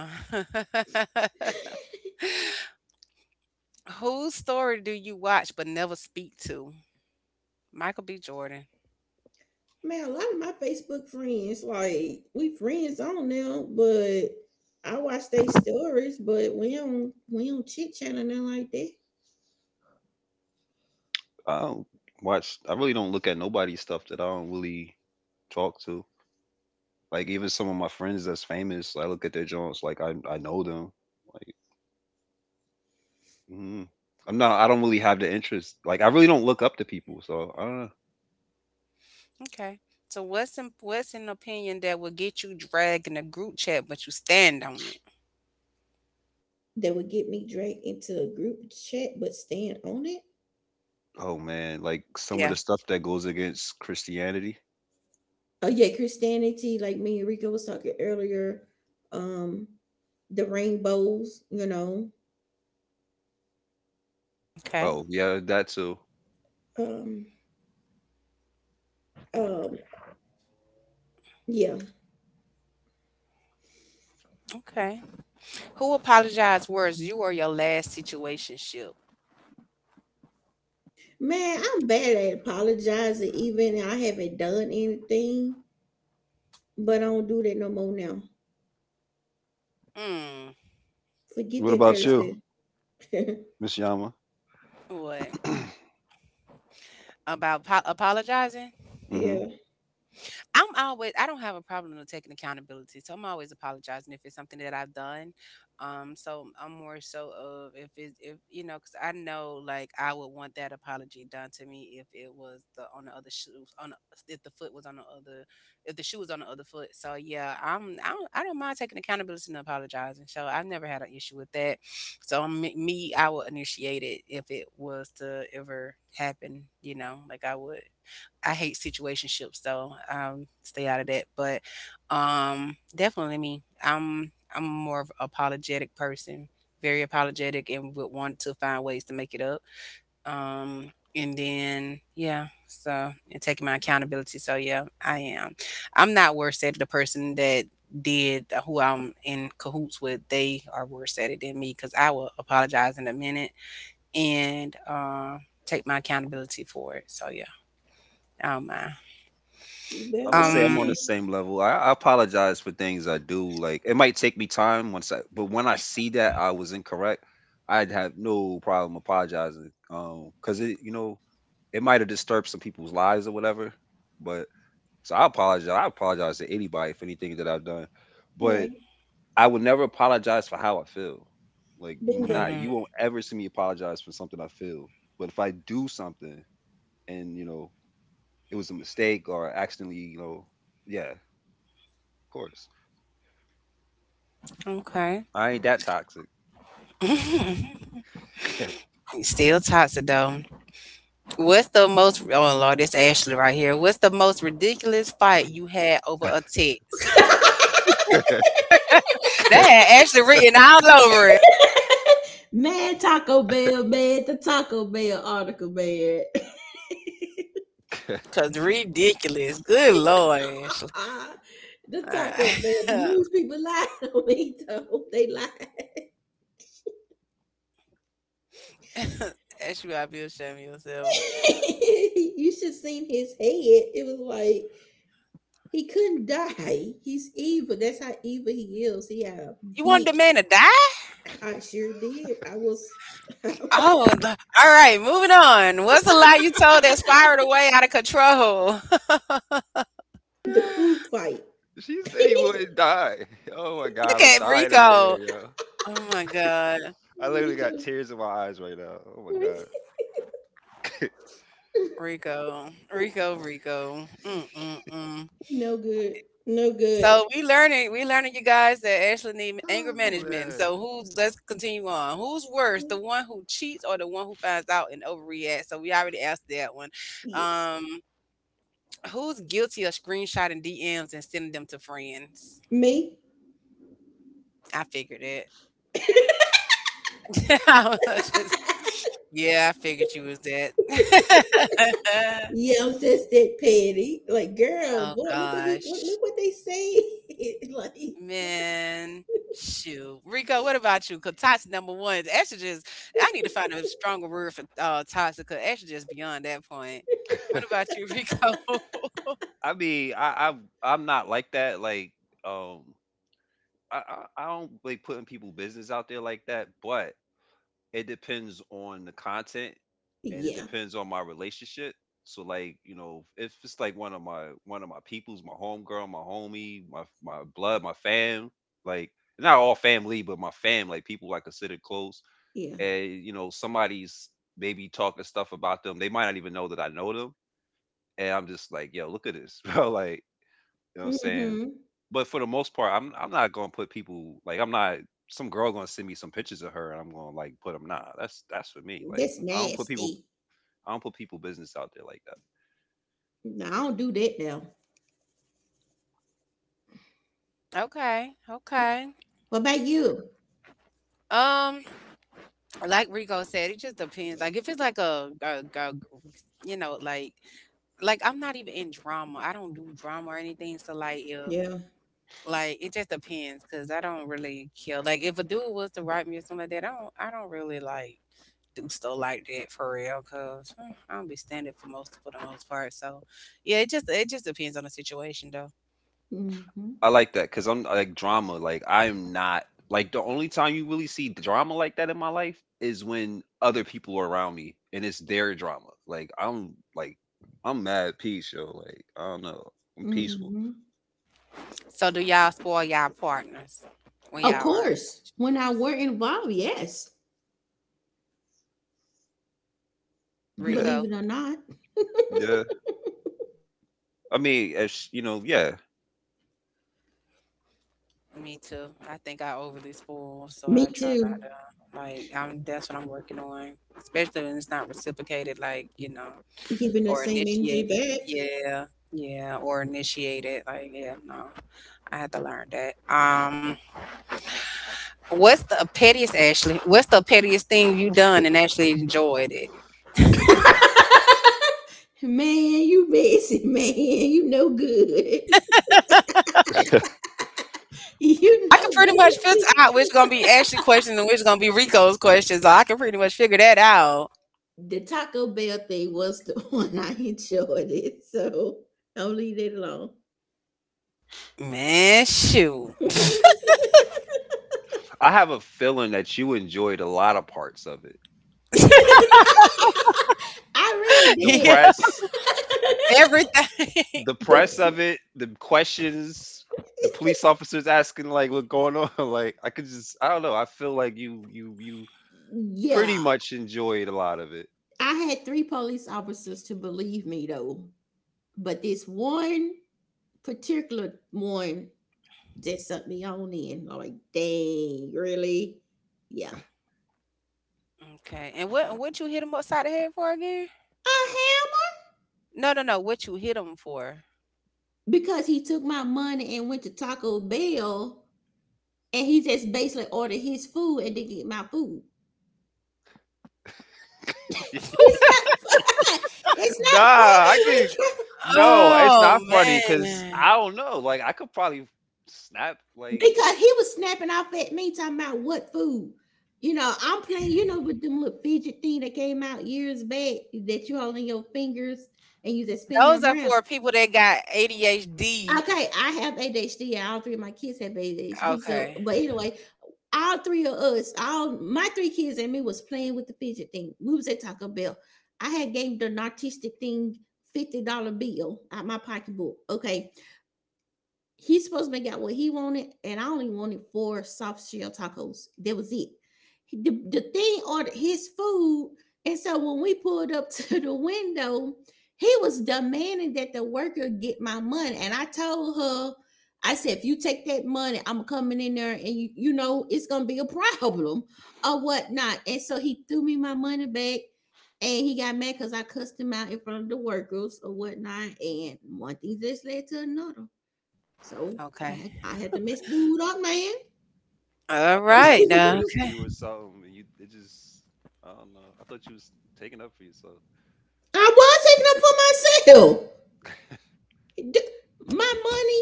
S1: (laughs) whose story do you watch but never speak to? Michael B. Jordan.
S3: Man, a lot of my Facebook friends, like we friends on now, but I watch they stories, but we don't chit chat or nothing like that.
S2: I don't I really don't look at nobody's stuff that I don't really talk to. Like even some of my friends that's famous, I look at their joints like I know them. Like mm, I don't really have the interest. Like I really don't look up to people, so I don't know.
S1: Okay. So what's an opinion that will get you dragged in a group chat, but you stand on it?
S3: That would get me dragged into a group chat, but staying on it.
S2: Oh man, like some of the
S1: Yeah.
S2: stuff that goes against Christianity.
S3: Oh yeah, Christianity, like me and Rico was talking earlier. Um, the rainbows, you know.
S1: Okay.
S2: Oh yeah, that too.
S3: Um, um, yeah.
S1: Okay. Who apologized worse, you or your last situationship?
S3: Man, I'm bad at apologizing, even I haven't done anything, but I don't do that no more now.
S1: Mm,
S3: Forget
S2: What
S3: that
S2: about
S1: Rico.
S2: you,
S3: person. (laughs)
S2: Miss Yama?
S1: What?
S2: (clears throat)
S1: About apologizing?
S2: hmm.
S3: Yeah,
S1: I don't have a problem with taking accountability, so I'm always apologizing if it's something that I've done. So I'm more so of if because I know like I would want that apology done to me if it was the on the other shoe on the, if the foot was on the other if the shoe was on the other foot. So yeah, I don't mind taking accountability and apologizing. So I've never had an issue with that. So me I would initiate it if it was to ever happen. You know, like I would. I hate situationships though. Stay out of that. But definitely me. I'm more of an apologetic person, very apologetic, and would want to find ways to make it up. And then yeah, so and taking my accountability. So yeah, I am. I'm not worse at it. The person that did who I'm in cahoots with, they are worse at it than me because I will apologize in a minute and take my accountability for it. So yeah, I don't mind.
S3: you
S2: I
S3: better
S2: would say
S3: than
S2: I'm
S1: Um,
S2: on the
S3: me.
S2: same level. I apologize for things I do. Like it might take me time once I, but when I see that I was incorrect, I'd have no problem apologizing. Cause it, you know, it might have disturbed some people's lives or whatever. But so I apologize. I apologize to anybody for anything that I've done. But
S3: Right.
S2: I would never apologize for how I feel. Like not
S1: Mhm.
S3: Bingo.
S2: you won't ever see me apologize for something I feel. But if I do something and you know it was a mistake or accidentally, you know, yeah, of course.
S1: Okay.
S2: I ain't that toxic.
S1: (laughs)
S2: (laughs)
S1: Still toxic though. What's the most? Oh Lord, this Ashley right here. What's the most ridiculous fight you had over a text?
S2: Yeah.
S1: They had Ashley written all over it.
S3: Mad Taco Bell, mad the Taco Bell article, man.
S1: Cause ridiculous.
S3: (laughs)
S1: Good Lord, Ashley.
S3: The
S1: All
S3: Taco
S1: right.
S3: Bell, the news people lied (laughs) on me, though. They lied.
S1: (laughs) Ashley, I feel ashamed of yourself.
S3: (laughs) You should seen his head. It was like, he couldn't die. He's evil. That's how evil he is. He had a
S1: You want the
S3: beak.
S1: man to die?
S3: I sure did. I was (laughs) the
S1: Oh, the- all right. Moving on. What's a lie you told that spiraled away out of control? (laughs)
S3: food fight.
S2: She
S3: (laughs)
S2: said he wouldn't die. (laughs) Oh my
S1: Look
S2: god, I'm
S1: at
S2: dying over here,
S1: Rico.
S2: yo.
S1: Oh my God.
S2: I literally
S3: Rico,
S2: got tears in my eyes right now. Oh my god.
S3: Rico.
S2: (laughs)
S1: Rico, Rico, Rico. Mm, mm, mm.
S3: He no good. No good.
S1: So we learning, you guys, that Ashley need anger
S2: Oh
S1: management.
S2: man.
S1: So who's let's continue on. Who's worse, the one who cheats or the one who finds out and overreacts? So we already asked that one.
S3: Yes.
S1: Um, who's guilty of screenshotting DMs and sending them to friends?
S3: Me?
S1: I figured it. (laughs) I was just yeah, I figured you was that.
S3: Yeah, I'm just that petty. Like,
S1: (laughs)
S3: girl,
S1: Oh
S3: boy,
S1: gosh.
S3: look what they say. (laughs) Like
S1: Man, shoot. Rico, what about you? Because toxic, number one, is estrogen. I need to find a stronger word for toxic because estrogen is beyond that point. What about you, (laughs) Rico?
S2: I mean, I'm not like that. Like, um, I, I don't like putting people business out there like that, but it depends on the content and it
S3: yeah,
S2: depends on my relationship. So like, you know, if it's like one of my peoples, my homegirl, my homie, my blood, my fam, like not all family, but my fam, like people I consider close,
S3: yeah.
S2: and you know, somebody's maybe talking stuff about them. They might not even know that I know them. And I'm just like, yo, look at this, (laughs) bro. Like, you know what I'm saying?
S3: Mm-hmm.
S2: But for the most part, I'm not gonna put people like I'm not some girl gonna send me some pictures of her and I'm gonna like put them. Nah, that's for me. Like
S3: That's
S2: I don't put people
S3: nasty.
S2: I don't put people business out there like that.
S3: No, I don't do that now.
S1: Okay, okay.
S3: What about you?
S1: Um, like Rico said, it just depends. Like if it's like you know, like I'm not even in drama. I don't do drama or anything. So like if
S3: Yeah.
S1: like it just depends because I don't really care. Like if a dude was to write me or something like that, I don't really like. Do stuff like that for real, cause mm, I don't be standing for most for the most part. So, yeah, it just depends on the situation though.
S3: Mm
S2: I
S3: mhm,
S2: like that because I'm like drama. Like I'm not like the only time you really see drama like that in my life is when other people are around me and it's their drama. Like I'm mad at peace, yo. Like I don't know, I'm
S3: mm
S2: peaceful.
S3: mhm.
S1: So, do y'all spoil y'all partners when y'all
S3: Of
S1: are in
S3: course, when I
S1: relationships?
S3: were involved, yes.
S2: Yeah,
S3: Believe
S1: Rico,
S3: it or not.
S2: yeah. I mean, as you know, yeah.
S1: me too. I think I overly spoil, so
S3: Me
S1: I try not
S3: too.
S1: to. Like, I'm that's what I'm working on, especially when it's not reciprocated, like you know,
S3: Giving the
S1: or
S3: same energy
S1: initiated.
S3: back.
S1: Yeah, yeah, or initiated. Like, yeah, no, I had to learn that. What's the pettiest, Ashley? What's the pettiest thing you done and actually enjoyed it?
S3: (laughs) Man, you busy, man. You no good. (laughs) You
S1: I can
S3: no
S1: pretty much figure
S3: good.
S1: out which gonna be Ashley questions and which gonna be Rico's questions. So I can pretty much figure that out.
S3: The Taco Bell thing was the (laughs) one I enjoyed it, so I'll leave it alone.
S1: Man, shoot.
S3: (laughs)
S2: I have a feeling that you enjoyed a lot of parts of it.
S3: I really
S2: The
S1: (laughs) Yeah.
S3: did.
S2: press,
S3: (laughs)
S1: Everything.
S2: the
S3: The
S2: press of
S3: pr-
S2: it, the questions, the police officers asking like what's going on. (laughs) Like I could just I don't know. I feel like you pretty
S3: yeah,
S2: much enjoyed a lot of it.
S3: I had 3 police officers to believe me though, but this one particular one just sent me on in. Like, dang, really? Yeah.
S1: Okay. And what you hit him upside the head for again?
S3: A hammer
S1: No, no, no. What you hit him for?
S3: because he took my money and went to Taco Bell and he just basically ordered his food and didn't get my food. It's not (laughs) fun. It's not
S2: Nah, I
S3: funny,
S2: could.
S3: Rick.
S2: No, it's
S1: Oh
S2: not funny because
S1: man.
S2: I don't know. Like I could probably snap. Like
S3: Because he was snapping off at me talking about what food. You know, I'm playing, you know, with them little fidget thing that came out years back that you hold in your fingers and you just spinning
S1: Those
S3: them
S1: are
S3: around.
S1: for people that got ADHD.
S3: Okay, I have ADHD and all three of my kids have ADHD. So,
S1: Okay.
S3: but anyway, all three of us, all my three kids and me was playing with the fidget thing. We was at Taco Bell. I had gave the narcissistic thing $50 bill out my pocketbook. Okay, he's supposed to make out what he wanted, and I only wanted 4 soft shell tacos. That was it. The thing ordered his food, and so when we pulled up (laughs) to the window, he was demanding that the worker get my money. And I told her, I said, if you take that money, I'm coming in there, and you know it's gonna be a (laughs) problem or whatnot. And so he threw me my money back. And he got mad because I cussed him out in front of the workers or whatnot. And one thing just led to another. So I,
S1: Okay.
S3: had, I had to mess dude up, man.
S2: oh,
S1: All
S2: I thought he
S1: right.
S2: was
S3: (laughs)
S1: Now,
S2: abusing
S1: okay.
S2: you or something. And you it just I don't know. I thought you was taking up for yourself.
S3: I was taking up for myself. D- My money.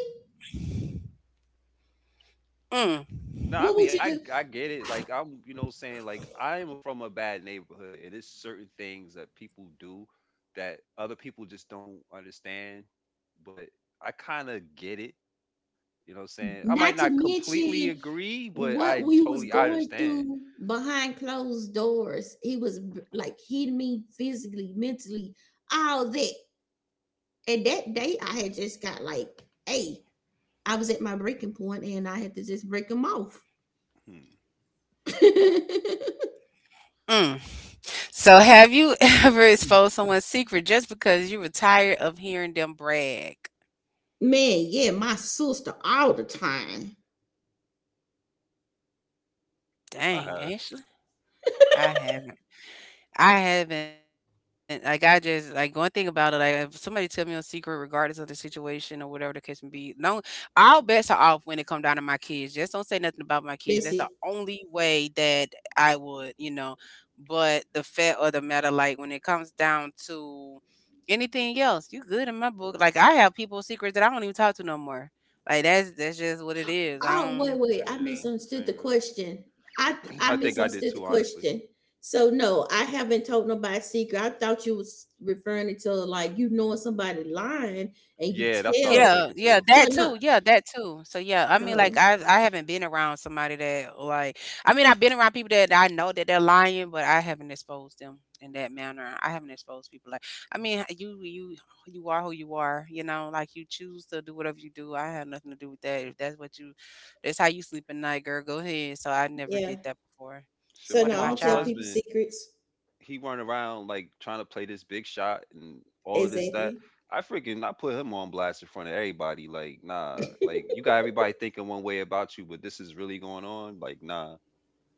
S1: Mm.
S2: No, I
S3: What would
S2: mean
S3: you
S2: I
S3: do?
S2: I get it. Like I'm, you know, saying like I am from a bad neighborhood, and it's certain things that people do that other people just don't understand. But I kind of get it. You know what I'm saying? I might
S3: Not to
S2: not completely
S3: mention
S2: agree, but
S3: what we was
S2: I
S3: going
S2: understand.
S3: through behind closed doors. He was like hitting me physically, mentally, all that. And that day, I had just got like, hey, I was at my breaking point, and I had to just break him off.
S2: Hmm.
S3: (laughs)
S1: Mm. So, have you (laughs) ever exposed someone's secret just because you were tired of hearing them brag?
S3: Man, yeah, my sister all the time.
S2: I
S1: Dang,
S2: have.
S1: Ashley, I haven't. I haven't. Like I just like one thing about it. Like if somebody tell me a secret, regardless of the situation or whatever the case may be, no, all bets are off when it come down to my kids. Just don't say nothing about my kids. That's the
S3: That's it.
S1: only way that I would, you know. But the fact of the matter, like when it comes down to anything else, you good in my book. Like I have people secrets that I don't even talk to no more. Like that's just what it is. I
S3: Oh, wait,
S1: don't
S3: wait. I
S1: really be.
S2: Yeah,
S3: misunderstood the
S2: same.
S3: question. I
S2: Here. (clears throat)
S3: I
S2: I think I did
S3: misunderstood the
S2: too, honestly.
S3: question. So no, I haven't told nobody a secret. I thought you was referring to like you knowing somebody lying and you
S2: Yeah, that's what I was
S3: tell.
S1: Yeah,
S2: thinking
S1: yeah,
S2: too.
S1: that
S3: So
S1: too.
S3: no,
S1: Yeah, that too. So yeah, I mean, like
S3: oh
S1: I haven't been around somebody that like I mean I've been around people that I know that they're lying, but I haven't exposed them in that manner. I haven't exposed people like I mean you are who you are, you know, like you choose to do whatever you do. I have nothing to do with that. If that's what you that's how you sleep at night, girl, go ahead. So I never did
S3: yeah.
S1: that before.
S2: Shit,
S3: So
S2: my
S1: What
S3: no, I don't
S1: about
S2: mom's
S3: tell
S1: y'all?
S3: people
S2: husband,
S3: secrets.
S2: he run around like trying to play this big shot and all of this that.
S3: Exactly.
S2: I put him on blast in front of everybody. Like nah, like
S3: (laughs)
S2: you got everybody thinking one way about you, but this is really going on. Like nah,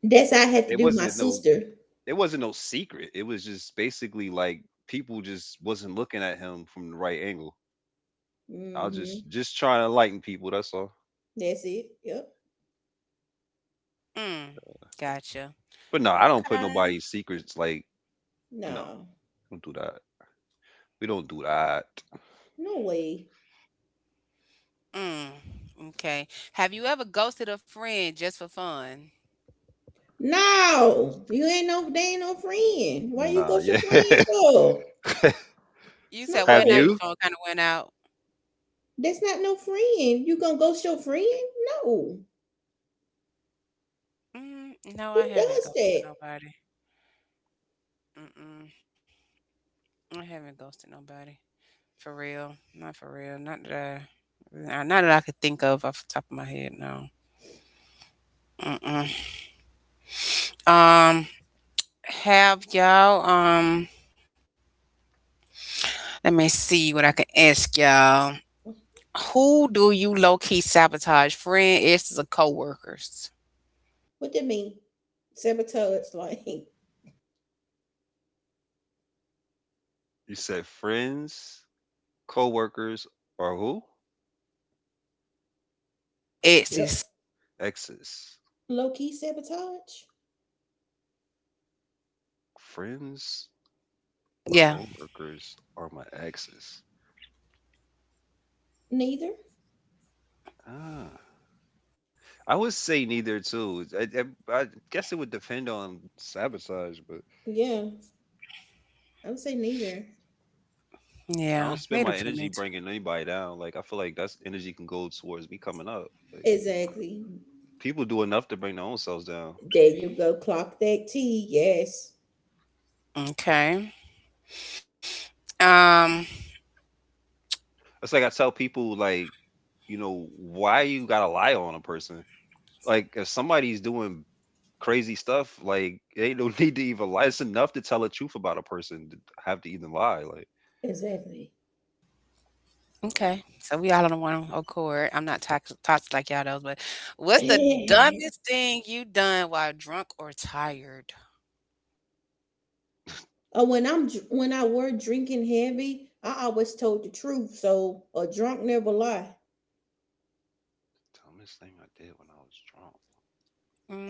S3: That's how I had to
S2: it
S3: do my
S2: wasn't no
S3: sister.
S2: it wasn't no secret. It was just basically like people just wasn't looking at him from the right angle. I was just
S3: Mm-hmm.
S2: just trying to enlighten people. That's all.
S3: That's it. Yep.
S1: Mm, gotcha.
S2: But no, I don't put
S1: Okay.
S2: nobody's secrets. Like no,
S3: No.
S2: don't do that. We don't do that.
S3: No way.
S1: Mm, okay. Have you ever ghosted a friend just for fun?
S3: No. You ain't no they ain't no friend. Why you
S2: Nah,
S3: go your
S2: yeah.
S3: friend
S2: (laughs)
S3: for?
S1: You said, well,
S2: Have
S1: now your
S3: No.
S2: you?
S1: phone kind of went out.
S3: That's not no friend. You gonna ghost your friend? No.
S1: Mm, no,
S3: Who
S1: I haven't
S3: does
S1: ghosted
S3: that?
S1: nobody. Mm-mm. I haven't ghosted nobody. For real. Not for real. I, nah, Not that I could think of off the top of my head, no. Mm-mm. Um, have y'all, um, Let me see what I can ask y'all. Who do you low-key sabotage? Friend, exes, or coworkers?
S3: What that mean? Sabotage, like (laughs)
S2: You said friends. Coworkers are who? Yes.
S1: Exes.
S2: Exes.
S3: low key sabotage?
S2: Friends,
S1: Yeah.
S2: coworkers are my exes.
S3: Neither.
S2: Ah. I would say neither too. I guess it would depend on sabotage, but
S3: Yeah, I would say neither.
S2: I
S1: Yeah,
S2: don't spend
S1: neither
S2: my
S1: for me
S2: energy
S1: too.
S2: bringing anybody down. Like I feel like that's energy can go towards me coming up. Like
S3: Exactly.
S2: people do enough to bring their own selves down.
S3: There you go. Clock that T. Yes.
S1: Okay. Um,
S2: It's like I tell people like, you know, why you gotta lie on a person? Like if somebody's doing crazy stuff. Like they don't (laughs) need to even lie. It's enough to tell the truth about a person to have to even lie. Like
S3: Exactly.
S1: okay. So we all on the one accord. I'm not toxic, toxic like y'all those, but what's the
S3: (laughs) (clears throat)
S1: dumbest thing you done while drunk or tired?
S3: When I were drinking heavy, I always told the truth. So a drunk never lie.
S2: dumbest thing I did when I was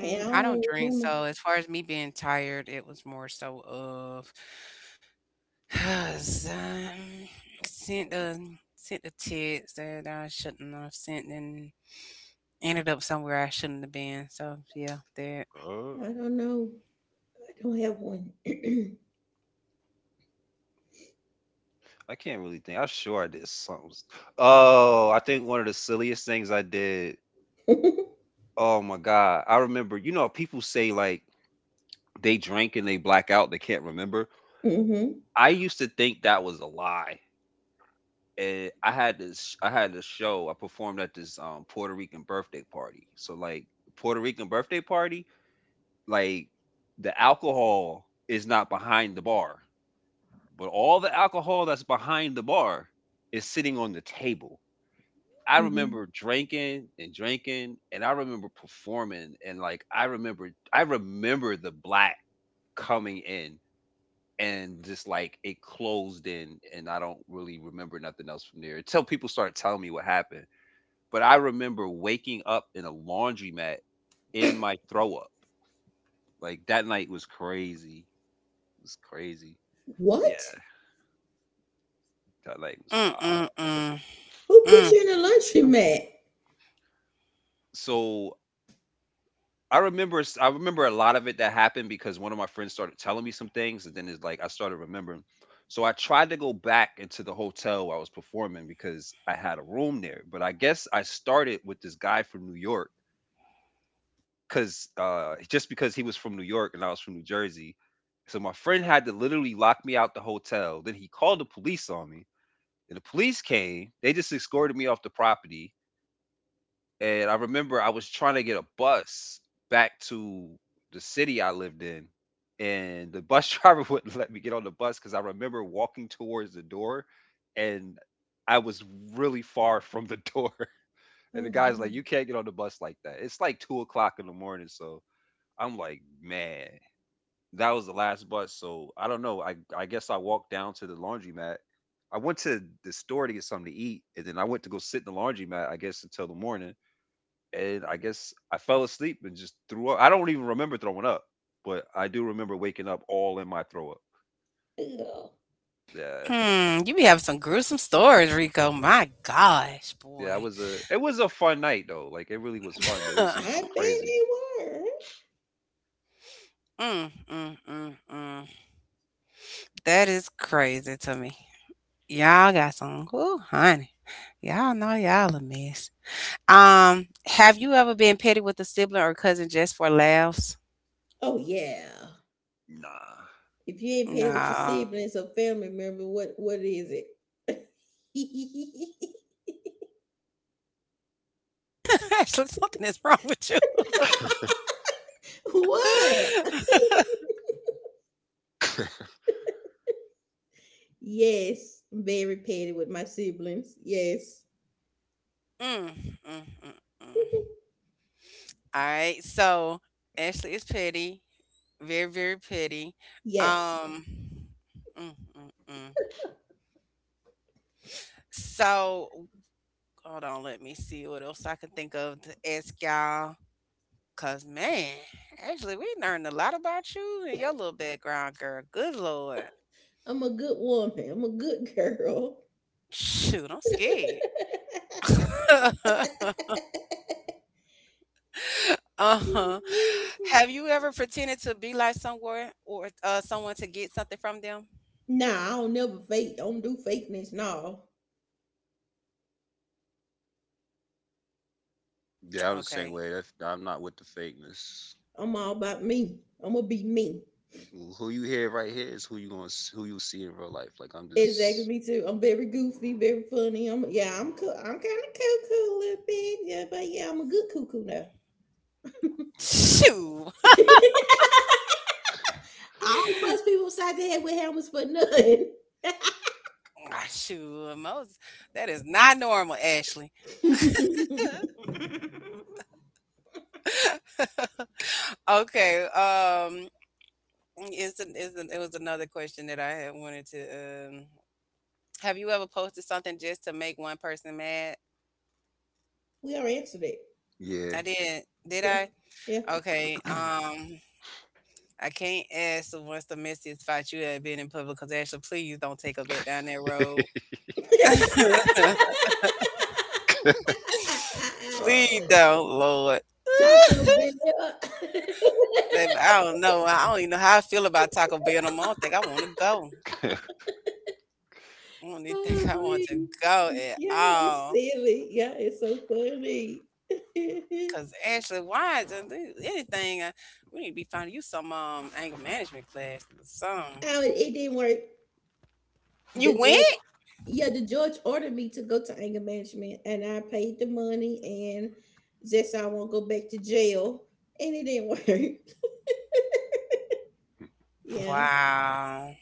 S3: And I
S1: I don't
S3: don't
S1: drink,
S3: remember.
S1: so as far as me being tired, it was more so of (sighs) um, sent the text that I shouldn't have sent and ended up somewhere I shouldn't have been. So yeah, that.
S2: drunk.
S3: I don't know. I don't have one.
S2: I can't really think. I'm sure I did something. Oh, I think one of the silliest things I did.
S3: (clears throat)
S2: Oh my god, I remember. You know, people say like they drink and they black out. They can't remember.
S3: Mhm,
S2: I used to think that was a lie. And I had this. I had this show. I performed at this Puerto Rican birthday party. So like Puerto Rican birthday party like the alcohol is not behind the bar, but all the alcohol that's behind the bar is sitting on the table. I
S3: mhm.
S2: remember drinking and drinking, and I remember performing, and like I remember the black coming in and just like it closed in, and I don't really remember nothing else from there until people start telling me what happened. But I remember waking up in a laundromat in my throw up. Like that night was crazy. Was crazy. Yeah,
S3: What?
S2: Todd Lang was
S1: Mm, mm,
S2: wild.
S1: mm.
S3: Who put
S1: Mm.
S3: you in a the laundromat?
S2: So I remember a lot of it that happened because one of my friends started telling me some things, and then it's like I started remembering. So I tried to go back into the hotel where I was performing because I had a room there, but I guess I started with this guy from New York because just because he was from New York and I was from New Jersey. So my friend had to literally lock me out the hotel. Then he called the police on me. And the police came. They just escorted me off the property. And I remember I was trying to get a bus back to the city I lived in, and the bus (laughs) driver wouldn't let me get on the bus because I remember walking towards the door, and I was really far (laughs) from the door. (laughs) And the
S3: Oh,
S2: guy's like, "You
S3: no.
S2: can't get on the bus like that. It's like 2 o'clock in the morning." So I'm like, "Man, that was the last bus." So I don't know. I guess I walked down to the laundromat. I went to the store to get something to eat, and then I went to go sit in the laundromat. I guess until the morning and I guess I fell asleep and just threw up. I don't even remember throwing up, but I do remember waking up all in my throw up.
S3: Ew.
S2: Yeah,
S1: Hmm, you be having some gruesome stories, Rico. My gosh,
S2: yeah,
S1: boy.
S2: it was a fun night though. Like it really was fun, but it was just
S1: (laughs)
S3: I bet
S2: crazy.
S3: they were.
S1: Mm, mm, mm, mm. That is crazy to me. Y'all got some, ooh, honey. Y'all know y'all a mess. Have you ever been petty with a sibling or cousin just for laughs?
S3: Oh, yeah.
S2: Nah.
S3: If you ain't paid with your
S1: No.
S3: siblings or family member, what is it? (laughs)
S1: (laughs) Actually, something is wrong with you.
S3: What?
S1: (laughs)
S3: Yes, I'm very petty with my siblings. Yes.
S1: Mm, mm, mm, mm. All right. So Ashley is petty, very, very petty.
S3: Yes.
S1: Um, mm, mm, mm. So hold on. Let me see what else I can think of to ask y'all. Cause man, Ashley, we learned a lot about you and your little background, girl. Good lord.
S3: I'm a good woman. I'm a good girl.
S1: Shoot, I'm scared.
S3: (laughs)
S1: (laughs) Uh-huh. Have you ever pretended to be like someone or someone to get something from them?
S3: Nah, I don't never fake. Don't do fakeness. No.
S2: Yeah, I'm the same
S1: Okay.
S2: way. That's, I'm not with the fakeness.
S3: I'm all about me. I'm gonna be me.
S2: You hear right here is who you gonna who you see in real life. Like I'm
S3: Exactly,
S2: just
S3: me too. I'm very goofy, very funny. I'm yeah, I'm cool. I'm kind of cuckoo a little bit, yeah, but yeah, I'm a good cuckoo now.
S2: uh,
S1: Shoo.
S3: (laughs) All bus
S1: (laughs)
S3: people side the head with helmets for none.
S1: (laughs) Ah, shoot, most that is not normal, Ashley.
S3: (laughs)
S1: (laughs) Okay. It was another question that I had wanted to. Have you ever posted something just to make one person mad?
S3: We already answered that.
S2: yeah.
S1: I did. Did
S3: Yeah,
S1: I?
S3: yeah.
S1: Okay. I can't ask the what's the messiest fight you have been in public because Ashley, please don't take a bet down that road.
S2: (clears throat)
S1: (laughs) Please
S3: (laughs)
S2: Uh,
S1: don't, Lord.
S3: Taco
S1: (laughs)
S3: Bell. (laughs)
S1: Baby, I don't know. I don't even know how I feel about Taco Bell no more. I don't think I want to go.
S2: (laughs)
S1: I don't even think
S3: Oh,
S1: I want to
S3: man.
S1: go at
S3: Yeah, it's
S1: all.
S3: silly. Yeah, it's so funny. (laughs)
S1: Cause actually, anything? We need to be finding you some anger management class or something.
S3: Oh, it didn't work.
S1: You
S3: The judge,
S1: went?
S3: yeah, the judge ordered me to go to anger management, and I paid the money, and just so I won't go back to jail, and it didn't (laughs) work. Yeah,
S1: Wow.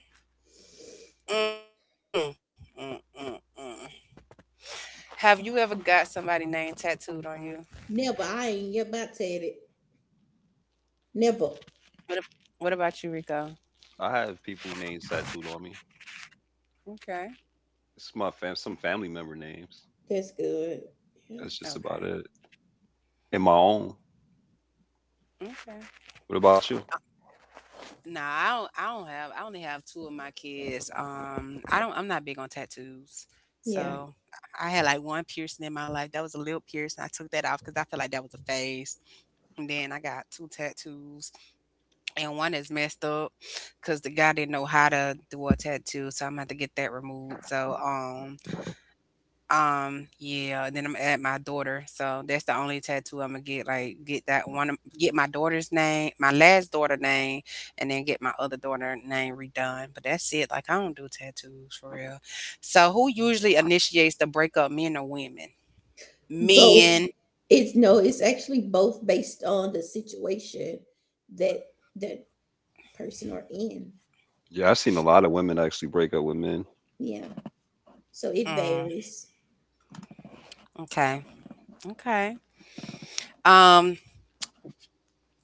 S1: Mm, mm, mm, mm. Have you ever got somebody name tattooed on you?
S3: never. I ain't about to it. Never.
S1: What, ab- what about you, Rico?
S2: I have people names tattooed on me.
S1: Okay.
S2: It's my some family member names.
S3: That's good. Yeah,
S2: That's just about
S1: Okay.
S2: it. And my own.
S1: Okay.
S2: What about you?
S1: Nah, I don't. I don't have. I only have two of my kids. I don't. I'm not big on tattoos.
S2: Mm.
S3: yeah.
S1: So I had like one piercing in my life. That was a lip piercing. I took that off because I felt like that was a phase. And then I got two tattoos, and one is messed up because the guy didn't know how to do a tattoo. So I'm gonna have to get that removed. So yeah, then I'm gonna add my daughter. So that's the only tattoo I'm gonna get, like get that one of- get my daughter's name, my last daughter name, and then get my other daughter name redone. But that's it. Like I don't do tattoos for real. So who usually initiates the breakup, men or women?
S3: Both.
S1: Men.
S3: It's no. It's actually both based on the situation that that person are in.
S2: Yeah, I've seen a lot of women actually break up with men
S3: Yeah, so it
S1: Mm,
S3: varies.
S1: okay. Okay. Um,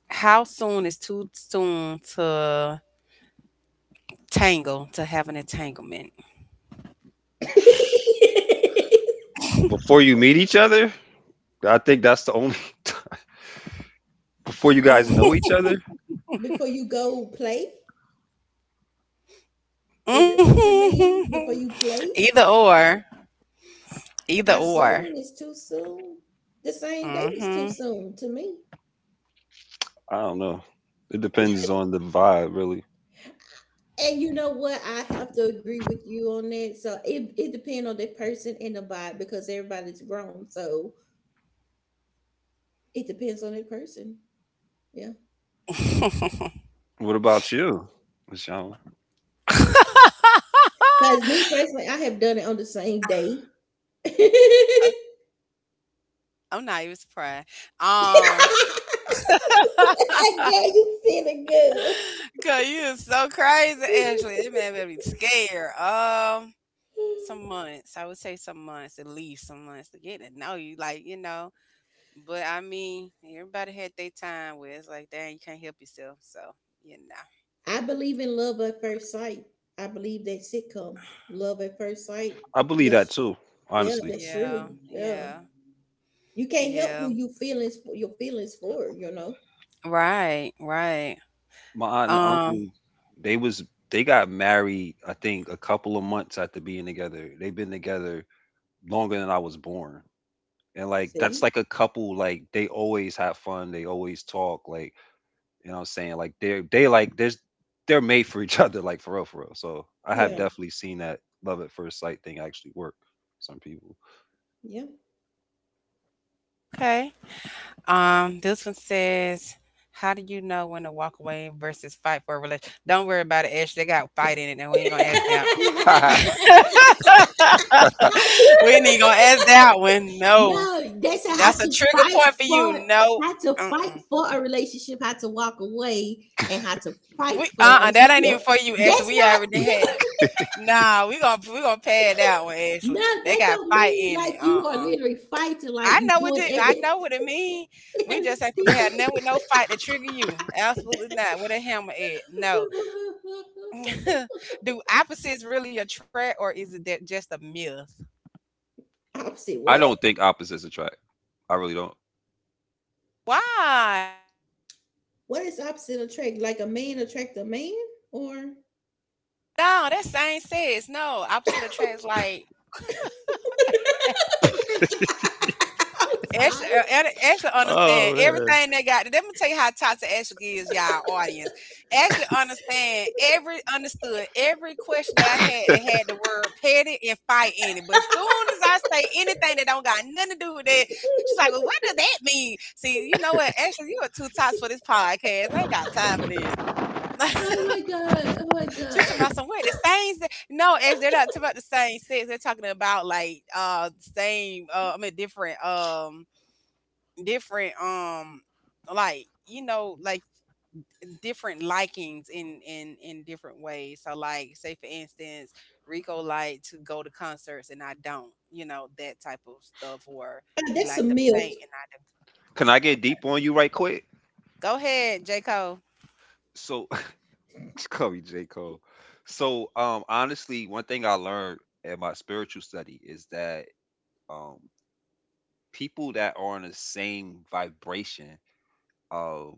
S1: how soon is too soon to have an entanglement? (laughs)
S2: before you meet each other. I think that's the only (laughs) before you guys know each
S1: Mhm.
S2: other.
S3: (laughs) Before you go play? Is this what you mean? Before you
S1: (laughs) Either
S3: play?
S1: or, either
S3: How
S1: or.
S3: soon is too soon? The same day is
S1: Hmm.
S3: too soon to me.
S2: I don't know. It depends on the vibe, really.
S3: And you know what? I have to agree with you on that. So it depends on the person and the vibe because everybody's grown. So it depends on that person. Yeah.
S1: (laughs)
S2: What about you, Michelle?
S3: Because me personally, I have done it on the same day. (laughs)
S1: Oh, I'm not even surprised. Um, (laughs)
S3: Girl, you feeling good.
S1: Cause you is so crazy, Ashley. It made me be scared. Some
S3: (laughs)
S1: months. I would say some months, at least some months to get to know you. Like, you know. But I mean, everybody had their time where it's like, dang, you can't help yourself. So, you know.
S3: I believe in love at first sight. I believe that sitcom, love at first sight.
S2: I believe that
S3: That's
S2: too,
S3: yeah,
S2: honestly.
S3: that's
S1: Yeah,
S3: true. Yeah,
S1: yeah,
S3: you can't help
S1: yeah.
S3: who you feelings for your feelings for. You know.
S1: Right, right.
S2: My aunt and
S1: Um,
S2: uncle, they was they got married. I think a couple of months after being together. They've been together longer than I was born, and like that's
S3: See.
S2: like a couple. Like they always have fun. They always talk. Like you know what I'm saying? Like they're they like there's they're made for each (laughs) other, like for real, for real. So I have
S3: Yeah.
S2: definitely seen that love at first sight thing actually work for some people.
S3: Yeah. (laughs)
S1: okay. This one says, how do you know when to walk away versus fight for a relationship? Don't worry about it, Ash. They got fight in it, and we ain't gonna ask that one.
S3: Not
S1: (laughs) We
S3: true.
S1: ain't gonna ask that one. No,
S3: No, that's a how
S1: that's a
S3: to
S1: trigger
S3: fight
S1: point for you.
S3: for
S1: No,
S3: how to fight
S1: uh-uh.
S3: for a relationship, how to walk away, and how to fight for a
S1: That ain't
S3: relationship.
S1: even for you, Ashley.
S3: That's
S1: We
S3: not
S1: already
S3: no,
S1: had. Nah, we gonna pad that one,
S3: (laughs)
S1: Ashley.
S3: no.
S1: They
S3: That
S1: got
S3: don't
S1: fight
S3: mean
S1: in it.
S3: like you are
S1: Uh-uh.
S3: literally fighting, like you doing
S1: I
S3: every
S1: know what it mean.
S3: (laughs)
S1: We just ain't gonna have none with no fight to trigger you. Absolutely not. With a hammer at no. (laughs) Do opposites really attract, or is it that just a myth?
S3: opposite
S2: I
S3: what?
S2: don't think opposites attract. I really don't.
S1: Why?
S3: What is opposite attract? Like a man attract a man? Or (laughs) I'm
S1: No, that same says no. Opposite attracts like Ashley,
S3: sorry.
S1: uh, Ad- Ashley understand
S2: Oh, man.
S1: everything they got. Let me tell you how toxic Ashley is, y'all audience. Ashley understand every understood every question that I had that had the word petty and fight in it. But as soon as I say anything that don't got nothing to do with that, she's like, "Well, what does that mean?" See, you know what, Ashley, you are too toxic for this podcast. I ain't got time for this. (laughs)
S3: Oh my god. Oh my
S1: She's
S3: god.
S1: talking about some way the same. No, Ashley, they're not talking about the same sex. They're talking about like same. I mean different. Different like different likings in different ways, so like say for instance, Rico like to go to concerts and I don't, you know, that type of stuff, or he
S3: That's a
S1: like to
S3: MILF.
S1: paint, and
S2: Can I
S1: I okay,
S2: get deep on you right quick?
S1: go ahead, J. Cole.
S2: So (laughs) call me J. Cole. So honestly, one thing I learned in my spiritual study is that um people that are on the same vibration um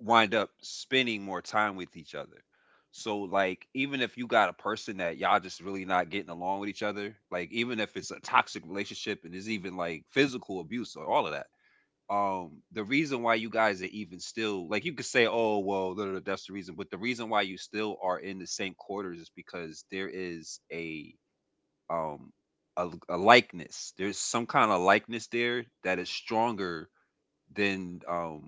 S2: wind up spending more time with each other. So like even if you got a person that y'all just really not getting along with each other, like even if it's a toxic relationship and there's even like physical abuse or all of that. The reason why you guys are even still like you could say, oh well, da, da, da, that's the reason, but the reason why you still are in the same quarters is because there is a um a likeness. There's some kind of likeness there that is stronger then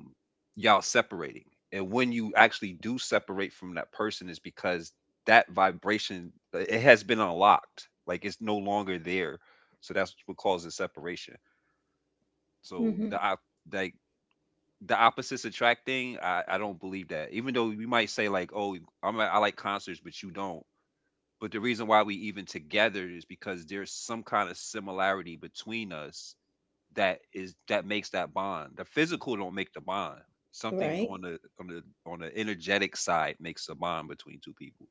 S2: y'all separating, and when you actually do separate from that person is because that vibration it has been unlocked like it's no longer there. So that's what causes separation. So
S3: Hmm.
S2: the like the opposites attracting, I don't believe that, even though we might say like oh I like concerts but you don't, but the reason why we even together is because there's some kind of similarity between us that makes that bond. The physical don't make the bond. Something
S3: Right.
S2: on the on the energetic side makes a bond between two people.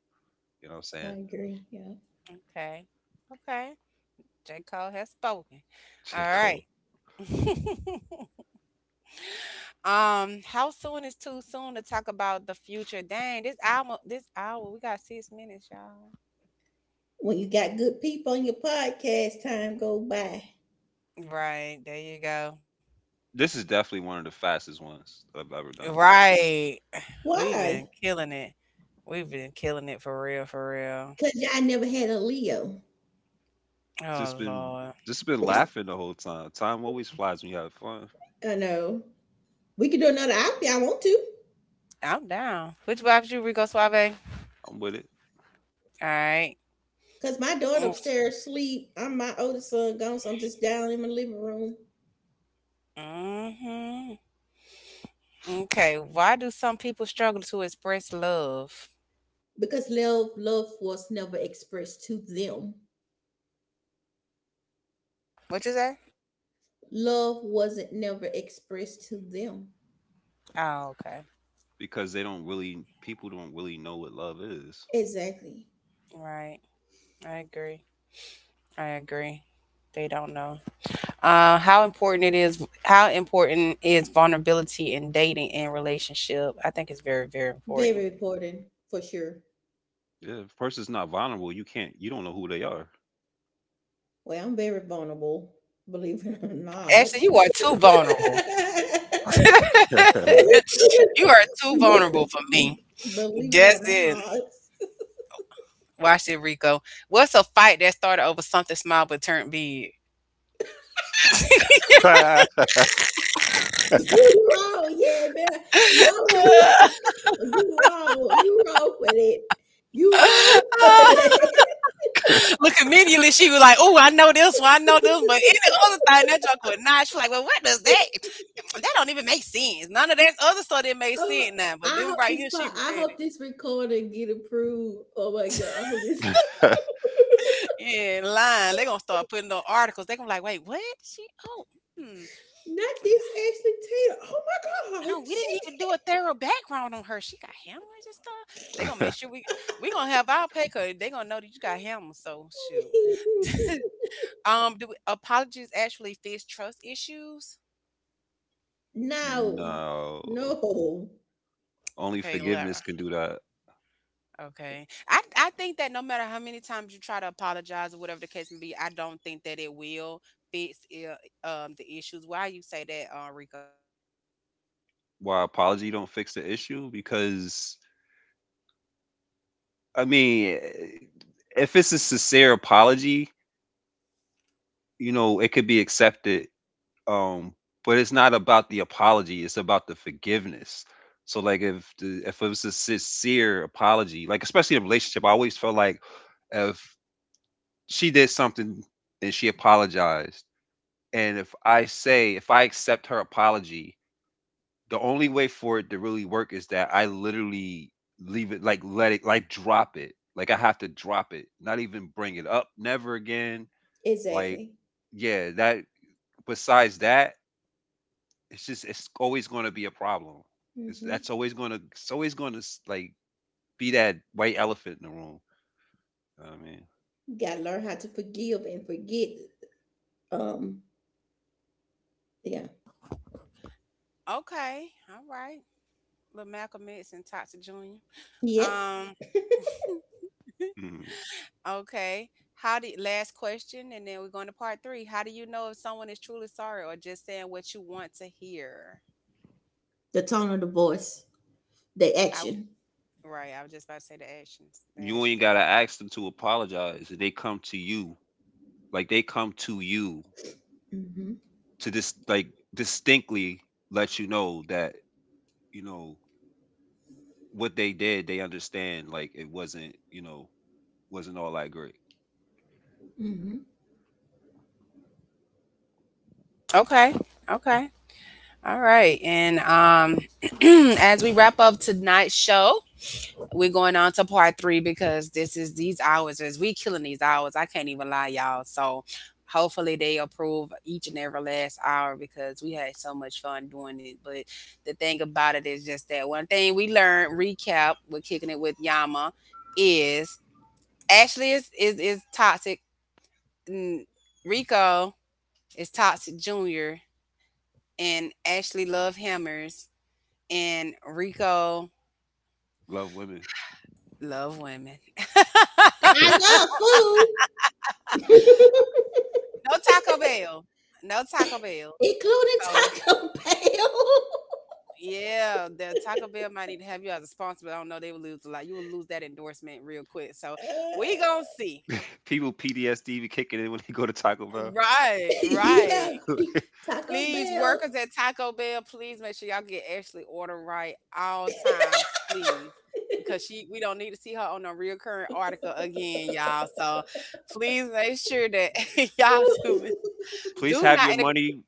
S2: You know what I'm
S3: I
S2: saying?
S3: agree. Yeah.
S1: Okay, okay. J. Cole has spoken.
S2: (laughs)
S1: All
S2: J. Cole.
S1: right. (laughs) How soon is too soon to talk about the future? Dang, this album, this hour, we got 6 minutes, y'all.
S3: When you got good people on your podcast, time go by.
S1: Right, there you go.
S2: This is definitely one of the fastest ones I've ever done.
S1: Right. We've been
S3: Why?
S1: killing it. We've been killing it for real, for real.
S3: Because y'all never had a Leo.
S1: Oh
S2: Just been
S1: Lord.
S2: just been laughing the whole time. Time always flies when you have fun.
S3: I know. We could do another op. if y'all want to?
S1: I'm down. Which vibes you, Rico Suave?
S2: I'm with it.
S1: All right.
S3: Cause my daughter upstairs sleep. I'm my oldest son gone, so I'm just down in my living room.
S1: Mm-hmm. Okay. Why do some people struggle to express love?
S3: Because love, love was never expressed to them.
S1: What you say?
S3: Love wasn't never expressed to them.
S1: Oh, okay.
S2: Because they don't really people don't really know what love is.
S3: Exactly.
S1: Right. I agree. I agree. They don't know. How important is vulnerability in dating and relationship? I think it's very, very important.
S3: Very important for sure.
S2: Yeah, if a person's not vulnerable, you can't you don't know who they are.
S3: Well, I'm very vulnerable, believe it or not.
S1: Actually, you are too vulnerable. (laughs) You are
S3: (laughs)
S1: too vulnerable for me.
S3: Believe it
S1: That's
S3: or
S1: it.
S3: not.
S1: Watch it, Rico. What's a fight that started over something small but turned big? (laughs)
S3: You wrong, yeah, man. Y'all, you (laughs) wrong. You wrong. You wrong with it. You wrong (laughs) with it.
S1: Look, immediately she was like, "Oh, I know this one. I know this." one." But any other thing, that joke would not. She's like, "Well, what does that? (sniffs) That don't even make sense. None of that other stuff that makes
S3: Oh,
S1: sense now. But
S3: I
S1: them
S3: hope
S1: right
S3: this
S1: here, she
S3: part. I hope
S1: ready.
S3: this recording get approved. Oh my god. I hope this.
S1: (laughs) Yeah, lying. They gonna start putting the articles. They gonna be like, wait, what? She? Oh, hmm.
S3: (laughs) Not this Ashley Taylor. Oh my god.
S1: No, we
S3: She
S1: didn't even do a thorough background on her. She got hammers and stuff. They gonna make sure we gonna have our pay because they gonna know that you got hammers. So shoot.
S3: did.
S1: (laughs) Do apologies actually fix trust issues?
S3: (laughs) No.
S2: (laughs) No.
S3: No.
S2: Only
S1: Okay,
S2: forgiveness
S1: Lara.
S2: can do that.
S1: Okay, I think that no matter how many times you try to apologize or whatever the case may be, I don't think that it will fix the issues. Why you say that, Rico?
S2: Why apology don't fix the issue? Because I mean, if it's a sincere apology, you know, it could be accepted. Um, but it's not about the apology; it's about the forgiveness. So, like, if if it was a sincere apology, like especially in a relationship, I always felt like if she did something and she apologized, and if I say if I accept her apology, the only way for it to really work is that I literally leave it like let it like drop it. Like I have to drop it, not even bring it up, never again. Like
S3: Exactly.
S2: yeah, that besides that, it's just it's always going to be a problem. It's that's
S3: Hmm.
S2: always going to it's always going to like be that white elephant in the room. You know what I
S3: Gotta learn how to forgive and forget. Um. Yeah.
S1: Okay, all right, little Malcolm X and Toxic Junior.
S3: Yeah.
S1: Um. (laughs)
S2: mean, mhm.
S1: Okay. How do Last question, and then we're going to part three. How do you know if someone is truly sorry or just saying what you want to hear?
S3: The tone of the voice, the
S1: I was
S3: action.
S1: right. I was just about to say the actions. The
S2: You ain't
S1: actions
S2: gotta ask them to apologize. They come to you, like they come to you
S3: Hmm.
S2: to just like distinctly let you know that you know what they did, they understand like it wasn't, you know, wasn't all that great.
S3: Hmm.
S1: are okay. Okay. All right. And (clears throat) as we wrap up tonight's show, we're going on to part three because this is these hours is we killing these hours. I can't even lie, y'all. So hopefully they approve each and every last hour because we had so much fun doing it. But the thing about it is just that one thing we learned, recap, we're kicking it with Yama, is Ashley is toxic. mm, Rico is toxic junior and Ashley love hammers and Rico
S2: Love women.
S1: love women.
S3: I
S2: (laughs)
S3: love
S1: (laughs)
S3: food,
S1: No Taco Bell. No Taco Bell.
S3: (laughs) including
S1: So,
S3: Taco Bell.
S1: yeah, the Taco Bell might need to have you as a sponsor, but I don't know, they would lose a lot. You would lose that endorsement real quick. So,
S3: (laughs) uh,
S1: we gonna see.
S2: People PTSD be kicking in when they go to Taco Bell.
S1: Right,
S3: yeah,
S1: right.
S2: (laughs)
S3: Taco
S1: Please,
S3: Bell.
S1: workers at Taco Bell, please make sure y'all get Ashley order right all times, please. Because she we don't need to see her on a recurring article again, y'all. So please make sure that (laughs) y'all
S3: (laughs)
S2: Please
S1: do
S2: have
S1: not.
S2: your money.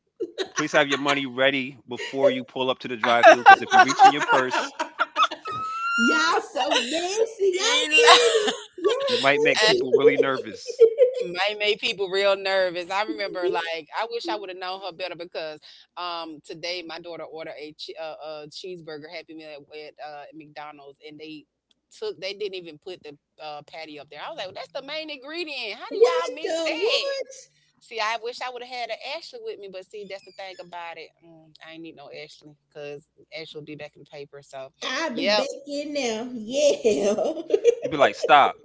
S2: Please have your money ready before you pull up to the drive-through, because if you reach in your purse,
S3: Y'all so messy. Y'all petty.
S1: (laughs)
S3: Y'all
S2: you might make
S1: And
S3: petty.
S2: people really nervous.
S1: might make people real nervous. I remember,
S3: (laughs)
S1: like, I wish I would have known her better because today my daughter ordered a cheeseburger Happy Meal at McDonald's, and they took they didn't even put the patty up there. I was like, well, that's the main ingredient. How do
S3: What
S1: y'all miss
S3: the
S1: that?
S3: what?
S1: See, I wish I would have had an Ashley with me, but see, that's the thing about it. I ain't need no Ashley because Ashley will be back in the paper. So,
S3: I'll be
S1: yeah,
S3: back in there. Yeah. (laughs) And
S2: You be like, "Stop,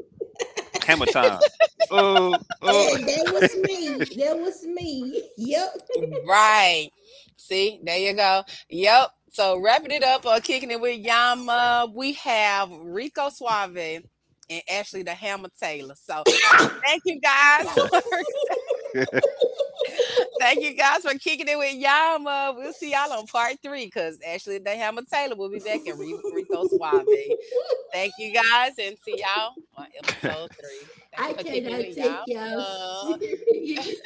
S2: hammer time." Oh, oh.
S3: that was me. That was me. (laughs) Yep.
S1: right. See, there you go. Yep. So wrapping it up or kicking it with Yama, we have Rico Suave and Ashley the Hammer Taylor. So thank you guys (laughs) for thank you guys for kicking it with Yama. We'll see y'all on part three because Ashley the Hammer Taylor will be back in Rico Suave. Thank you guys and see y'all on episode
S2: (laughs)
S1: three. Thank
S3: I
S1: you for kicking it with
S3: cannot take y'all
S1: Yama.
S3: serious.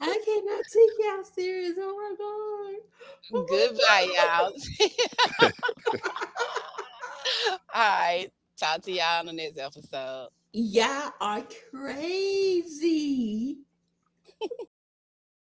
S3: I cannot take y'all serious. Oh my god. Oh my
S1: Goodbye,
S3: god.
S1: y'all. (laughs) (laughs) All right. Talk to y'all on the next episode.
S3: Y'all are crazy.